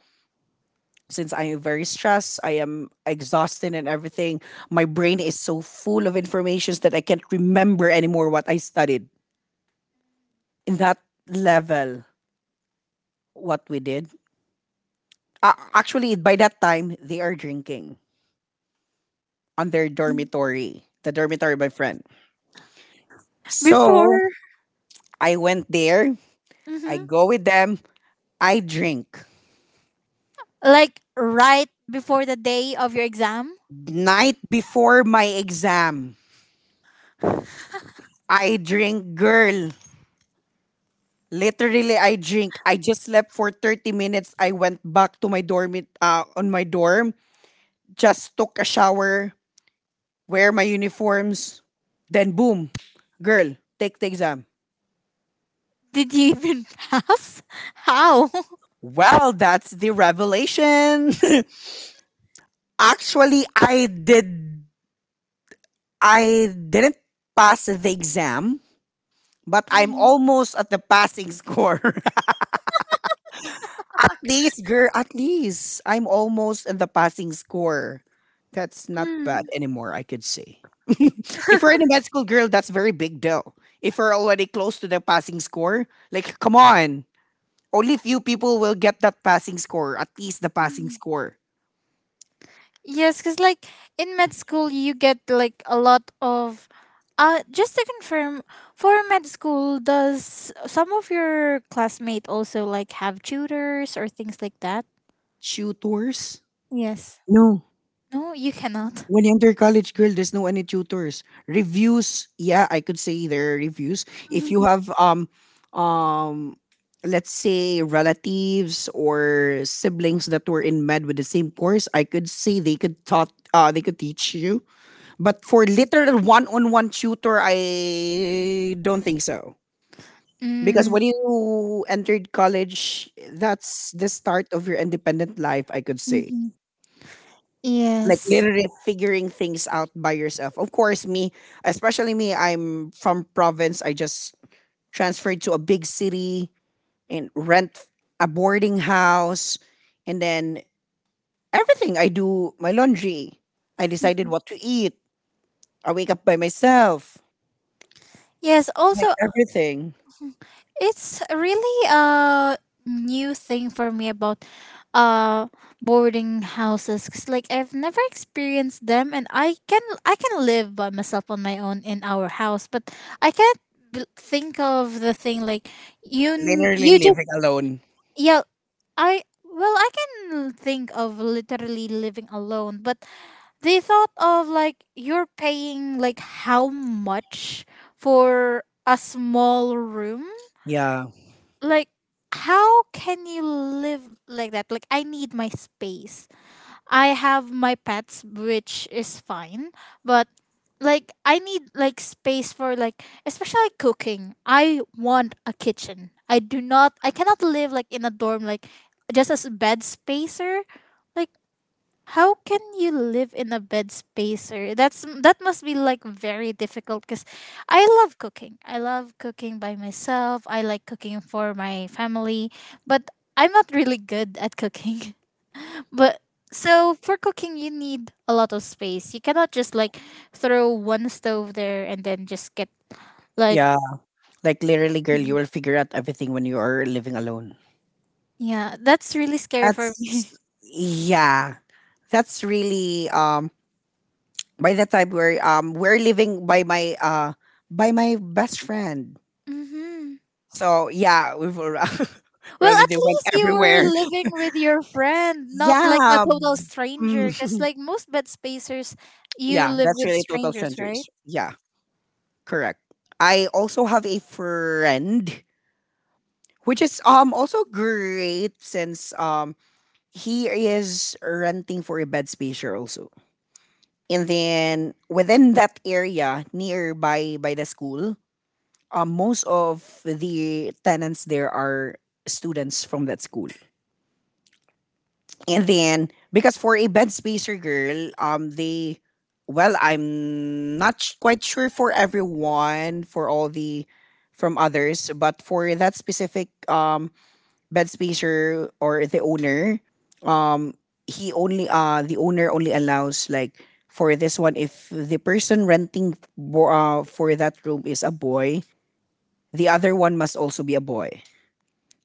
S1: since I am very stressed, I am exhausted and everything. My brain is so full of informations that I can't remember anymore what I studied. In that level, what we did. Actually, by that time, they are drinking on their dormitory, the dormitory of my friend. So
S2: Before.
S1: I went there, I
S2: Mhm.
S1: go with them, I drink.
S2: Like right before the day of your exam?
S1: Night before my exam, I drink, girl. Literally, I drink. I just slept for 30 minutes. I went back to my dorm, just took a shower, wear my uniforms, then boom, girl, take the exam.
S2: Did you even pass? How?
S1: Well, that's the revelation. Actually, I didn't pass the exam, but I'm
S2: Mhm.
S1: almost at the passing score. At least, girl, at least I'm almost at the passing score. That's not bad
S2: Mm.
S1: anymore, I could say. If you're in a med school, girl, that's very big deal. If you're already close to the passing score, like come on. Only few people will get that passing score, at least the passing score.
S2: Yes, because like in med school, you get like a lot of. Just to confirm, for med school, does some of your classmate also like have tutors or things like that?
S1: Tutors?
S2: Yes.
S1: No.
S2: No, you cannot.
S1: When you're under college, girl, there's no any tutors. Reviews, yeah, I could say there are reviews. If you
S2: Mhm.
S1: have um, let's say relatives or siblings that were in med with the same course, I could say they could taught they could teach you. But for literal one on one tutor, I don't think so. Because
S2: Mm.
S1: when you entered college, that's the start of your independent life, I could say,
S2: Mhm.
S1: like
S2: Yes.
S1: literally figuring things out by yourself. Of course, me, especially me, I'm from province. I just transferred to a big city and rent a boarding house, and then everything I do, my laundry, I decided what to eat. I wake up by myself,
S2: Yes. Also,
S1: like everything,
S2: it's really a new thing for me about uh boarding houses 'cause, like, I've never experienced them and I can live by myself on my own in our house, but I can't think of the thing like
S1: literally
S2: you just
S1: living alone.
S2: yeah. I well I can think of literally living alone, but they thought of like you're paying like how much for a small room,
S1: Yeah,
S2: like how can you live like that? Like I need my space. I have my pets, which is fine, but like I need like space for like especially like cooking. I want a kitchen. I do not I cannot live like in a dorm, like just as a bed spacer. Like how can you live in a bed spacer? That's that must be like very difficult, cuz I love cooking. I love cooking by myself. I like cooking for my family, but I'm not really good at cooking. But so for cooking you need a lot of space. You cannot just like throw one stove there and then just get like
S1: yeah. Like literally, girl, you
S2: Mhm.
S1: will figure out everything when you are living alone.
S2: Yeah, that's really scary for me.
S1: That's yeah. That's really by that time we're living by my by my best friend.
S2: Mhm.
S1: So yeah, we
S2: Well, at
S1: already went
S2: least you were
S1: everywhere.
S2: living with your friend, not like a
S1: Yeah,
S2: total
S1: mm,
S2: stranger. Because like most bed spacers, you
S1: yeah,
S2: live
S1: that's
S2: with
S1: really total
S2: strangers, right?
S1: strangers. Yeah, correct. I also have a friend, which is also great since he is renting for a bed space here also. And then within that area nearby by the school, most of the tenants there are students from that school. And then, because for a bed spacer girl, well, I'm not quite sure for everyone, for from others, but for that specific bed spacer or the owner, um, he only, the owner only allows like, for this one, if the person renting for that room is a boy, the other one must also be a boy.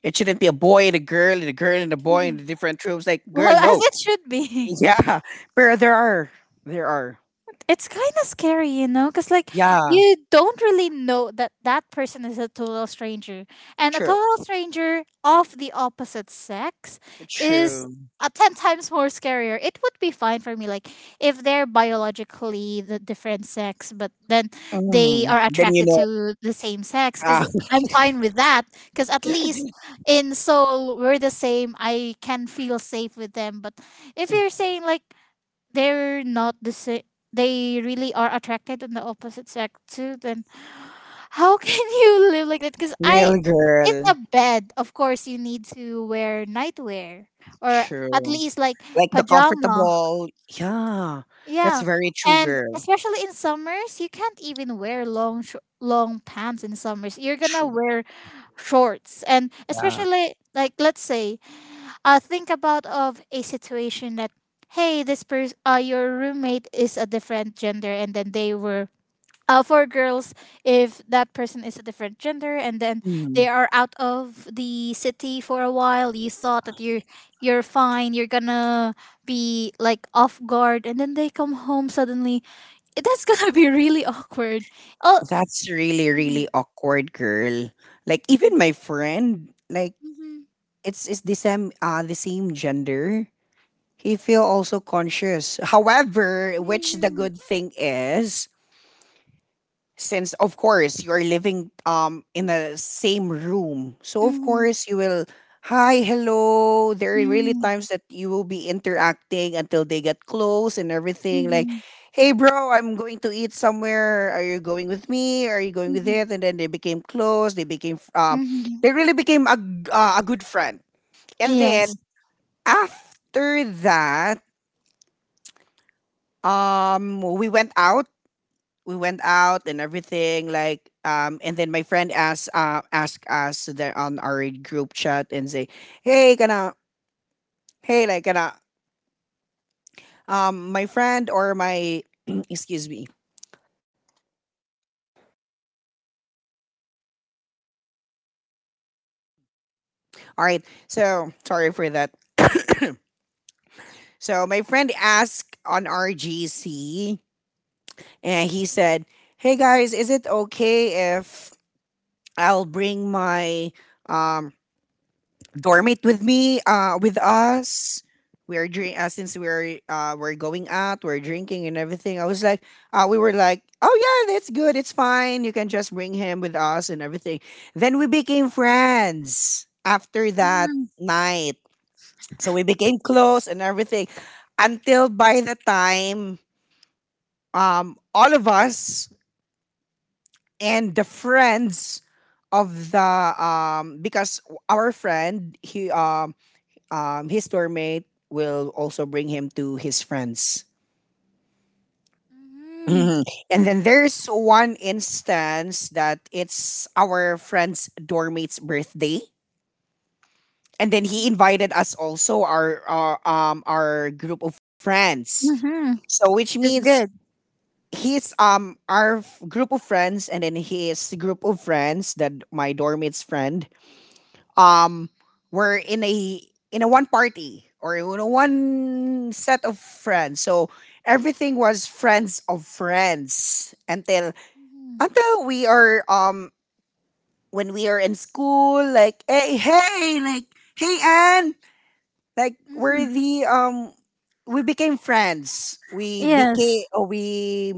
S1: It shouldn't be a boy and a girl and a girl and a boy and
S2: Mhm.
S1: the different troops. Like, girl,
S2: Well, as
S1: no.
S2: it should be.
S1: Yeah. But there are. There are.
S2: It's kind of scary, you know, because like
S1: Yeah.
S2: you don't really know that that person is a total stranger, and a
S1: True.
S2: total stranger of the opposite sex is
S1: True.
S2: a ten times more scarier. It would be fine for me, like if they're biologically the different sex, but then they
S1: Mm.
S2: are
S1: Then you
S2: attracted
S1: know,
S2: to the same sex,
S1: ah,
S2: because I'm fine with that, because at least in soul we're the same. I can feel safe with them, but if you're saying like they're not the same, they really are attracted on the opposite sex too, then how can you live like that? Because I
S1: real
S2: it's
S1: girl.
S2: a bed, of course you need to wear nightwear or at
S1: True.
S2: least like
S1: Like the
S2: pajama,
S1: comfortable. Yeah. That's
S2: yeah,
S1: very true,
S2: and
S1: girl.
S2: especially in summers you can't even wear long long pants. In summers you're gonna
S1: True.
S2: wear shorts. And
S1: Yeah.
S2: especially like let's say think about of a situation that hey, this person your roommate is a different gender and then they were for girls, if that person is a different gender and then they
S1: Mm.
S2: are out of the city for a while, you thought that you're fine, you're gonna be like off guard, and then they come home suddenly. It- that's gonna be really awkward. Oh.
S1: That's really, really awkward, girl. Like
S2: Mhm,
S1: even my friend, like
S2: mhm,
S1: it's the same gender. He feel also conscious. However, which the
S2: mhm,
S1: good thing is, since of course you're living in the same room, so of
S2: mhm,
S1: course you will hi, hello. There are really
S2: mhm,
S1: times that you will be interacting until they get close and everything. Like,
S2: mhm,
S1: hey bro, I'm going to eat somewhere. Are you going with me? Are you going with
S2: mhm,
S1: it? And then they became close. They became
S2: mhm,
S1: they
S2: mhm.
S1: really became a a good friend. And
S2: Yes.
S1: then after that we went out. We went out and everything. Like, and then my friend asked, asked us there on our group chat and say, "Hey, gonna, hey, like, gonna, my friend or my, excuse me. All right. So sorry for that. So my friend asked on RGC, and he said, "Hey guys, is it okay if I'll bring my um, dormit with me, with us. We're drink since we're going out, we're drinking and everything. I was like, we were like, oh yeah, that's good, it's fine. You can just bring him with us and everything. Then we became friends after that
S2: Mhm.
S1: night. So we became close and everything until by the time all of us and the friends of the because our friend he his tour mate will also bring him to his friends. Mhm. And then there's one instance that it's our friend's doormate's birthday, and then he
S2: Mhm.
S1: invited us also our group of friends.
S2: Mhm.
S1: So which
S2: That's
S1: means
S2: good.
S1: his our group of friends and then his group of friends that my doormate's friend um we're in a one party or in a one set of friends, so everything was friends of friends
S2: Mhm.
S1: until we are when we are in school like hey hey like hey Anne like we're
S2: Mhm.
S1: the we became friends we
S2: Yes.
S1: became oh, we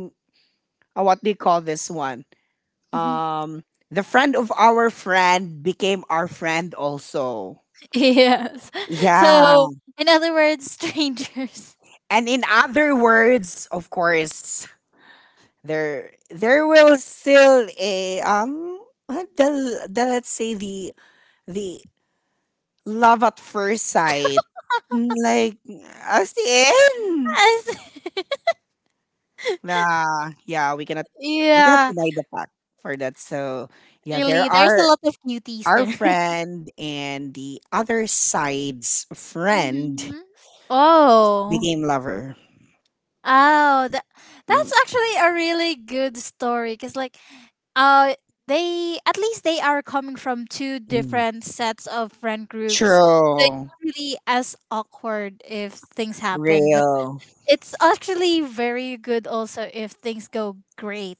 S1: what do you call this one
S2: Mhm.
S1: um the friend of our friend became our friend also,
S2: Yes.
S1: yeah.
S2: So, in other words, strangers.
S1: And in other words, of course, there will still a the let's say the love at first sight. Like as in
S2: Yes.
S1: nah, yeah, we cannot
S2: Yeah.
S1: deny the fact for that. So yeah, there
S2: Really, there's a
S1: are
S2: lot of cuties
S1: our
S2: there.
S1: friend and the other side's friend
S2: Mhm. Oh.
S1: became lover.
S2: Oh, that,
S1: Mm,
S2: that's actually a really good story. Because, like, Uh they at least they are coming from two
S1: mm.
S2: different sets of friend groups. So it's
S1: True.
S2: not really as awkward if things happen, but
S1: Real.
S2: it's actually very good also if things go great.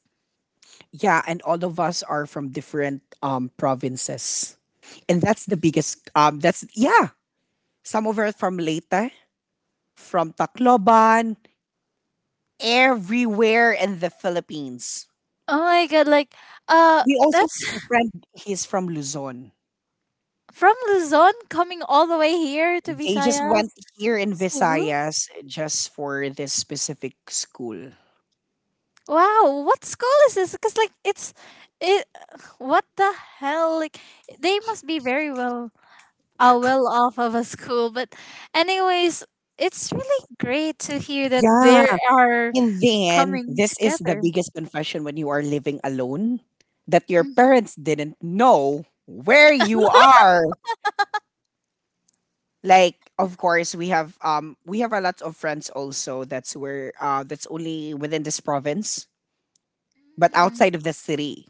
S1: Yeah, and all of us are from different provinces. And that's the biggest that's yeah. Some of us from Leyte, from Tacloban, everywhere in the Philippines.
S2: Oh my god, like uh
S1: We also
S2: that's
S1: have a friend, he's from Luzon.
S2: from Luzon coming all the way here to
S1: They just
S2: Visayas,
S1: went here in
S2: Cebu.
S1: Visayas just for this specific school.
S2: Wow, what school is this? Cuz like it's it what the hell? Like they must be very well well off of a school. But, anyways, it's really great to hear that they
S1: Yeah.
S2: are
S1: And then
S2: coming
S1: this is the
S2: together.
S1: biggest confession when you are living alone that your parents didn't know where you are. Like of course we have a lot of friends also that's where that's only within this province but
S2: Mhm.
S1: outside of the city,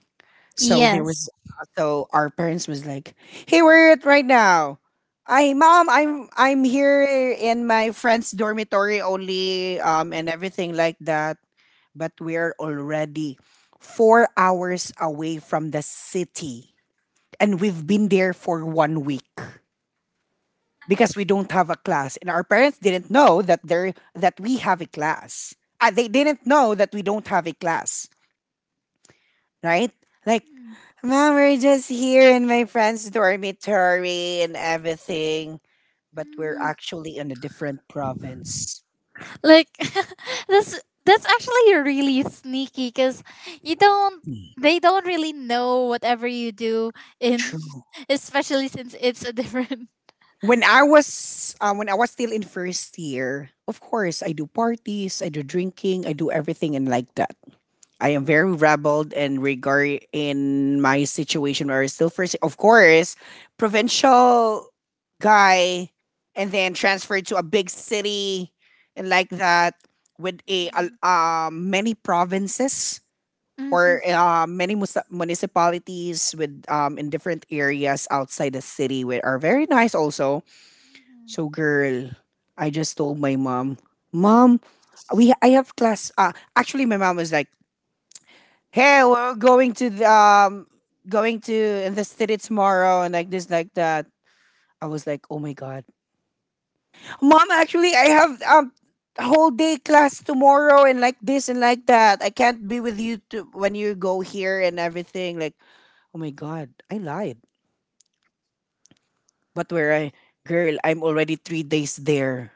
S1: so there
S2: Yes.
S1: was so our parents was like, hey, where are you at right now? I Mom, I'm here in my friend's dormitory only, and everything like that. But we're already 4 hours away from the city, and we've been there for 1 week because we don't have a class, and our parents didn't know that there that we have a class. They didn't know that we don't have a class, right? Like, mom, we're just here in my friend's dormitory and everything, but we're
S2: Mhm.
S1: actually in a different province.
S2: Like that's actually really sneaky because you don't
S1: Hmm,
S2: they don't really know whatever you do in
S1: True.
S2: especially since it's a different.
S1: When I was when I was still in first year, of course I do parties, I do drinking, I do everything and like that. I am very rebelled in regard in my situation where I still first of course provincial guy and then transferred to a big city and like that, with a
S2: Mhm.
S1: many provinces
S2: Mhm.
S1: or many municipalities with in different areas outside the city, which are very nice also. So girl, I just told my mom, mom, we I have class. Actually, my mom was like, hey, we're going to the, going to the city tomorrow and like this like that. I was like, oh my god, mom. Actually, I have whole day class tomorrow and like this and like that. I can't be with you to, when you go here and everything. Like, oh my god, I lied. But where I Girl, I'm already 3 days there.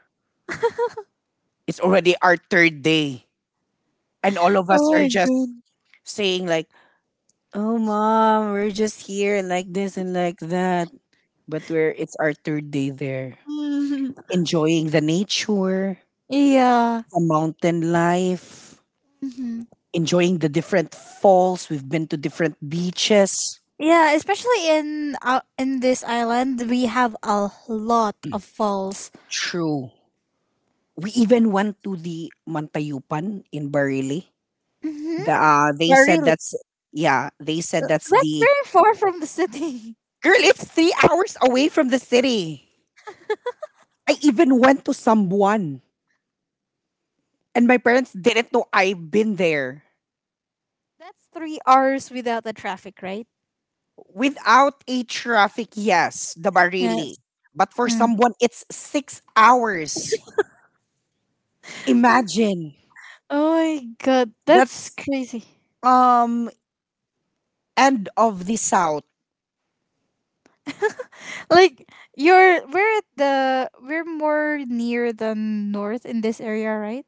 S1: It's already our third day, and all of us
S2: Oh
S1: are
S2: my
S1: just
S2: god.
S1: saying like, oh, mom, we're just here like this and like that. But we're it's our third day there.
S2: Mhm.
S1: Enjoying the nature,
S2: Yeah.
S1: the mountain life, enjoying the different falls. We've been to different beaches.
S2: Yeah, especially in this island, we have a lot of falls.
S1: True. We even went to the Mantayupan in Barili.
S2: Mm-hmm.
S1: They
S2: Yeah,
S1: said
S2: really,
S1: that's yeah, they said that's
S2: that's
S1: the
S2: very far from the city.
S1: girl, it's 3 hours away from the city. I even went to Sambuan, and my parents didn't know I've been there.
S2: That's 3 hours without the traffic, right?
S1: Without a traffic, yes, the Barili.
S2: Yes.
S1: But for
S2: Mm.
S1: someone, it's 6 hours. Imagine.
S2: Oh my god, that's
S1: That's
S2: crazy.
S1: um end of the south.
S2: Like you're, we're at the we're more near the north in this area, right?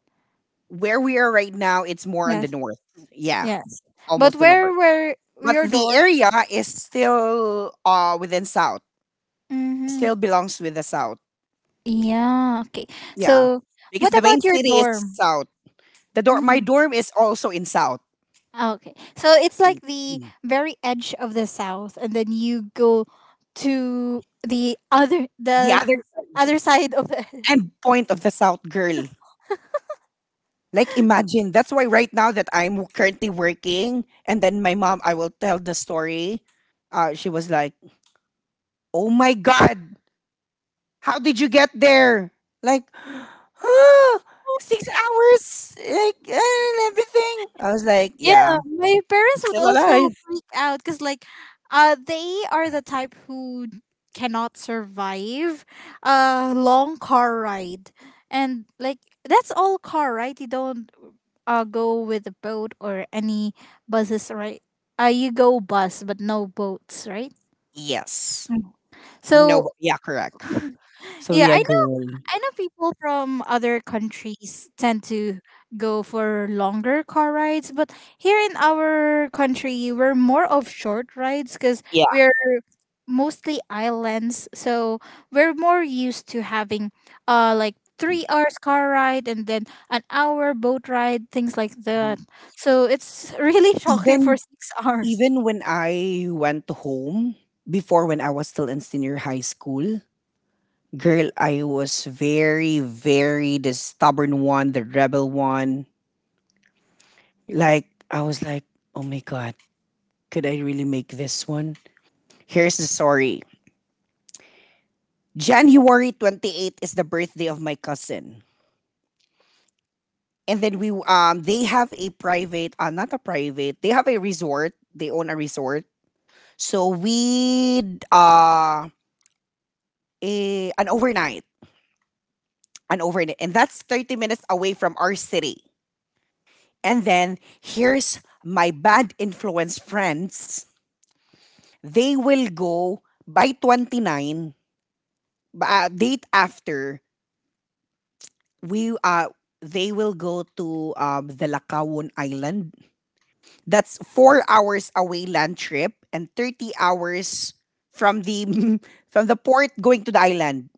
S1: Where we are right now, it's more on the
S2: Yes.
S1: north. Yeah,
S2: Yes. But
S1: almost the
S2: where
S1: north.
S2: were
S1: But
S2: your
S1: the
S2: dorm?
S1: area is still within south.
S2: Mm-hmm.
S1: Still belongs with the south.
S2: Yeah. Okay.
S1: Yeah.
S2: So,
S1: Because
S2: what
S1: the main
S2: about your
S1: city is
S2: dorm?
S1: south. The dorm My dorm is also in south.
S2: Okay. So it's like the
S1: Mm.
S2: very edge of the south and then you go to the other
S1: The
S2: the
S1: other the
S2: other side of the
S1: end point of the south girl. Like imagine, that's why right now that I'm currently working, and then my mom, I will tell the story. She was like, "Oh my god, how did you get there?" Like, 6 hours, like eh, and everything. I was like,
S2: Yeah,
S1: "Yeah,
S2: my
S1: I'm
S2: parents would
S1: still
S2: also
S1: alive."
S2: freak out cuz like they are the type who cannot survive a long car ride. And like that's all car, right? You don't go with a boat or any buses, right? You go bus but no boats, right?
S1: Yes.
S2: Mm.
S1: No. but-
S2: So
S1: Yeah. Correct. So
S2: yeah, I
S1: yeah,
S2: know.
S1: girl.
S2: I know people from other countries tend to go for longer car rides, but here in our country, we're more of short rides because
S1: Yeah.
S2: we're mostly islands, so we're more used to having like 3 hours car ride and then an hour boat ride, things like that. So it's really shocking for
S1: Even
S2: six hours.
S1: even when I went home before, when I was still in senior high school, girl, I was very, very the stubborn one, the rebel one. Like, I was like, oh my God, could I really make this one? Here's the story. January 28th is the birthday of my cousin. And then we, they have a not a private, they have a resort. They own a resort. So we, uh, an overnight, an overnight. And that's 30 minutes away from our city. And then here's my bad influence friends. They will go by 29, date after, we they will go to the Lakawan Island. That's 4 hours away land trip and 30 hours from the from the port going to the island.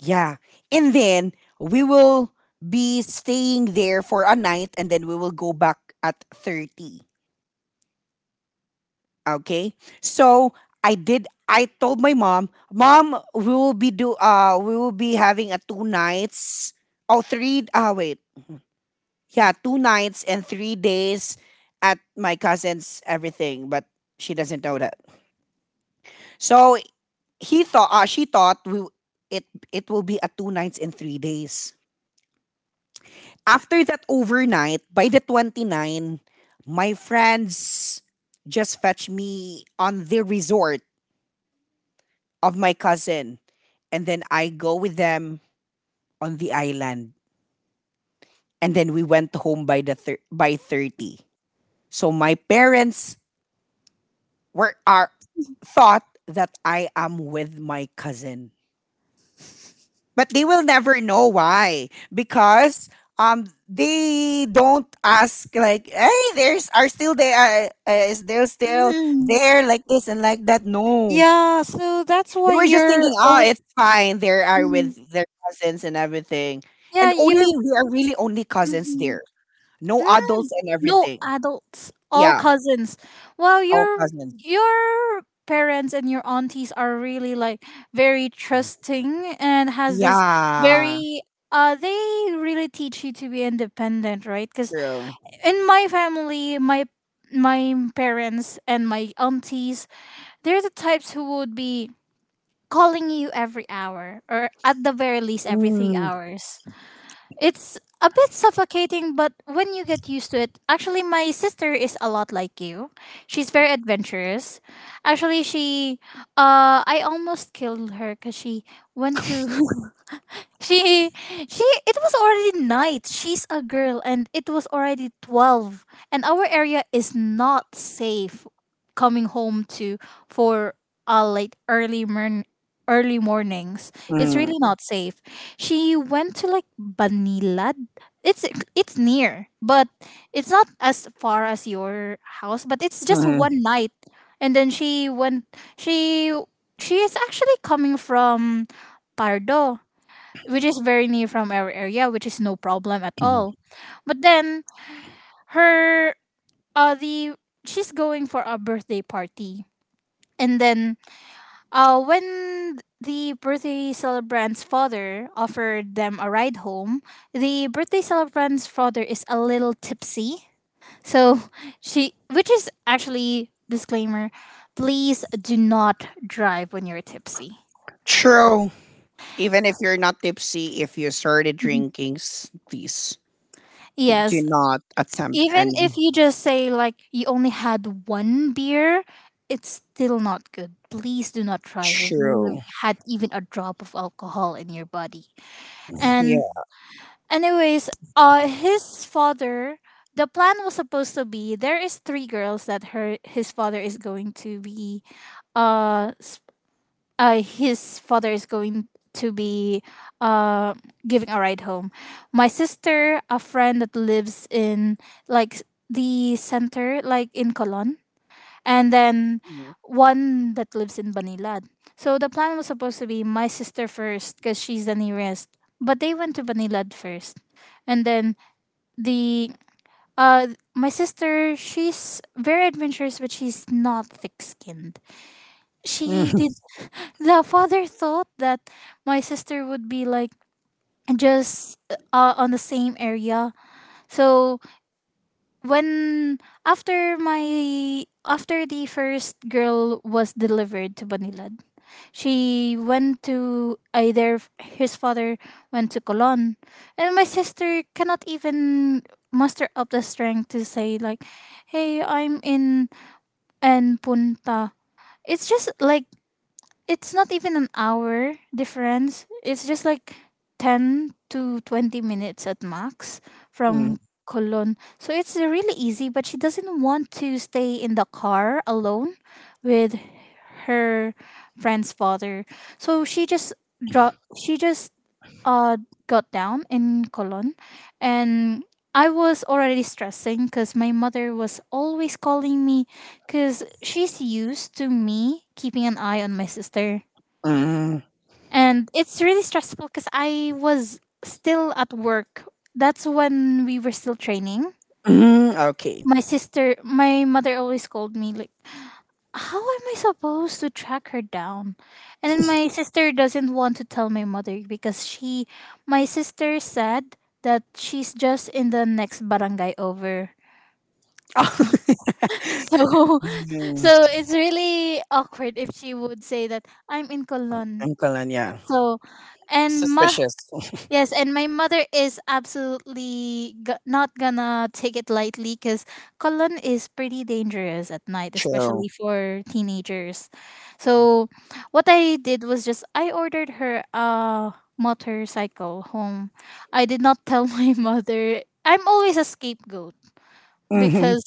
S1: Yeah. And then we will be staying there for a night, and then we will go back at 30. Okay. So I told my mom, mom, we will be do we will be having a two nights oh three wait. Yeah, two nights and 3 days at my cousin's everything, but she doesn't know that. So he thought she thought we it it will be a two nights and 3 days. After that overnight, by the 29, my friends just fetched me on the resort of my cousin, and then I go with them on the island, and then we went home by the by 30. So my parents were are thought that I am with my cousin, but they will never know why because they don't ask like, hey, there's are still there is there still
S2: Mm.
S1: there like this and like that, no.
S2: Yeah, so that's
S1: They
S2: why
S1: were just
S2: you're
S1: thinking, oh,
S2: always
S1: it's fine, they are with their cousins and everything,
S2: yeah,
S1: and
S2: you're
S1: only we are really only cousins
S2: Mhm.
S1: there. No adults
S2: Mm.
S1: and
S2: No
S1: everything.
S2: adults, all
S1: Yeah,
S2: cousins. Well,
S1: all cousins.
S2: your parents and your aunties are really like very trusting and has this
S1: Yeah,
S2: very they really teach you to be independent, right? Cuz
S1: true.
S2: in my family, my parents and my aunties, they're the types who would be calling you every hour or at the very least every 3
S1: Mm,
S2: hours. It's a bit suffocating, but when you get used to it, actually, my sister is a lot like you. She's very adventurous. Actually, she, I almost killed her because she went to she it was already night. She's a girl and it was already 12, and our area is not safe coming home to for late early morn early mornings. It's really
S1: mm,
S2: not safe. She went to like Banilad. It's it's near, but it's not as far as your house, but it's just
S1: mm.
S2: one night. And then she went she she is actually coming from Pardo, which is very near from our area, which is no problem at all. But then her the she's going for a birthday party. And then when the birthday celebrant's father offered them a ride home, the birthday celebrant's father is a little tipsy. So she, which is actually disclaimer, please do not drive when you're tipsy.
S1: True. Even if you're not tipsy, if you started drinking, please do
S2: Yes.
S1: not attempt
S2: Even
S1: any.
S2: if you just say like you only had one beer, it's still not good. Please do not try it if you've
S1: True.
S2: had even a drop of alcohol in your body. And
S1: Yeah.
S2: anyways, his father, the plan was supposed to be there is three girls that her his father is going to be uh his father is going to be, uh, giving a ride home. My sister, a friend that lives in, like, the center, like in Colon, and then
S1: Hmm.
S2: one that lives in Banilad. So the plan was supposed to be my sister first because she's the nearest, but they went to Banilad first, and then the uh my sister, she's very adventurous but she's not thick skinned. She did
S1: Mhm,
S2: The father thought that my sister would be like just on the same area. So when after my after the first girl was delivered to Banilad, she went to either his father went to Colon, and my sister cannot even muster up the strength to say like, "Hey, I'm in and Punta." It's just like, it's not even an hour difference. It's just like 10 to 20 minutes at max
S1: hmm.
S2: from Cologne. So it's really easy, but she doesn't want to stay in the car alone with her friend's father. So she just dro- she just uh got down in Cologne. And I was already stressing because my mother was always calling me because she's used to me keeping an eye on my sister.
S1: Mm,
S2: And it's really stressful because I was still at work. That's when we were still training.
S1: mm, okay.
S2: My sister, my mother, always called me like, "How am I supposed to track her down?" And then my sister doesn't want to tell my mother because my sister said that she's just in the next barangay over. So,
S1: Uncle
S2: so it's really awkward if she would say that I'm in Colon.
S1: am yeah.
S2: So, and ma.
S1: Suspicious.
S2: Yes, and my mother is absolutely g- not gonna take it lightly because Colon is pretty dangerous at night, especially
S1: True.
S2: for teenagers. So, what I did was just I ordered her a motorcycle home. I did not tell my mother. I'm always a scapegoat
S1: Hmm.
S2: because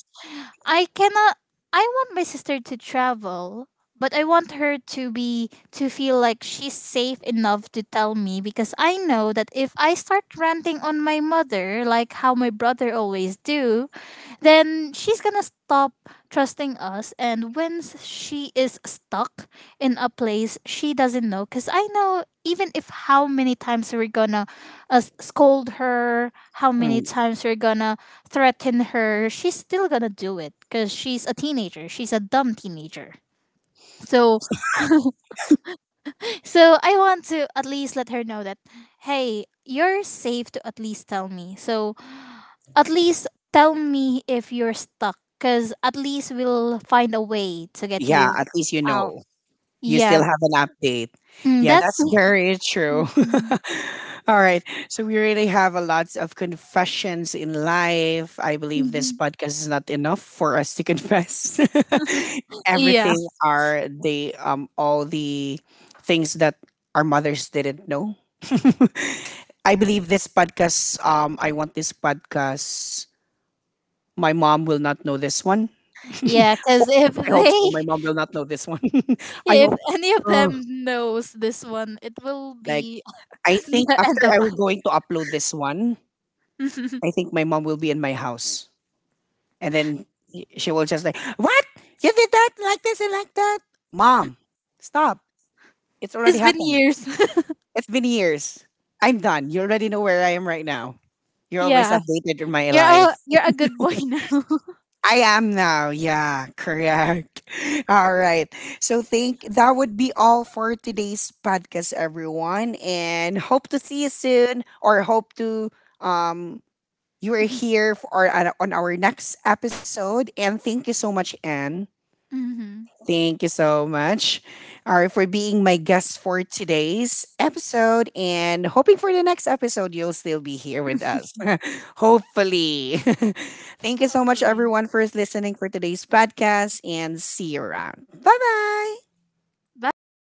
S2: I cannot I want my sister to travel, but I want her to be to feel like she's safe enough to tell me because I know that if I start ranting on my mother like how my brother always do, then she's gonna stop trusting us, and when s- she is stuck in a place she doesn't know. Because I know even if how many times we're gonna scold her, how many times we're gonna threaten her, she's still gonna do it because she's a teenager, she's a dumb teenager. so so I want to at least let her know that, hey, you're safe to at least tell me. So at least tell me if you're stuck, because at least we'll find a way to get
S1: Yeah,
S2: you
S1: at least you
S2: out.
S1: know. You still
S2: Yeah.
S1: have an update.
S2: Mm,
S1: Yeah,
S2: that's.
S1: that's very true.
S2: Mhm,
S1: All right. So we really have a lot of confessions in life. I believe this
S2: mhm.
S1: podcast is not enough for us to confess
S2: Yeah,
S1: everything are the all the things that our mothers didn't know. I believe this podcast, I want this podcast my mom will not know this one.
S2: Yeah, because if
S1: I hope so. My
S2: they,
S1: mom will not know this one. I
S2: if
S1: hope
S2: any of
S1: uh,
S2: them knows this one, it will
S1: like
S2: be
S1: I think
S2: the
S1: after
S2: end of us.
S1: I'm going to upload this one, I think my mom will be in my house. And then she will just like, what? You did that like this and like that? Mom, stop. It's already
S2: It's been
S1: happened.
S2: years.
S1: It's been years. I'm done. You already know where I am right now. You're always
S2: Yeah,
S1: updated in my life.
S2: you're a good boy now.
S1: I am now. Yeah, correct. All right. So think that would be all for today's podcast, everyone. And hope to see you soon or hope to um you are here for on our next episode. And thank you so much, Anne.
S2: Hmm.
S1: Thank you so much, all right, for being my guest for today's episode. And hoping for the next episode, you'll still be here with us. Hopefully. Thank you so much,
S2: Hopefully.
S1: everyone, for listening for today's podcast. And see you around. Bye bye.
S2: Bye bye.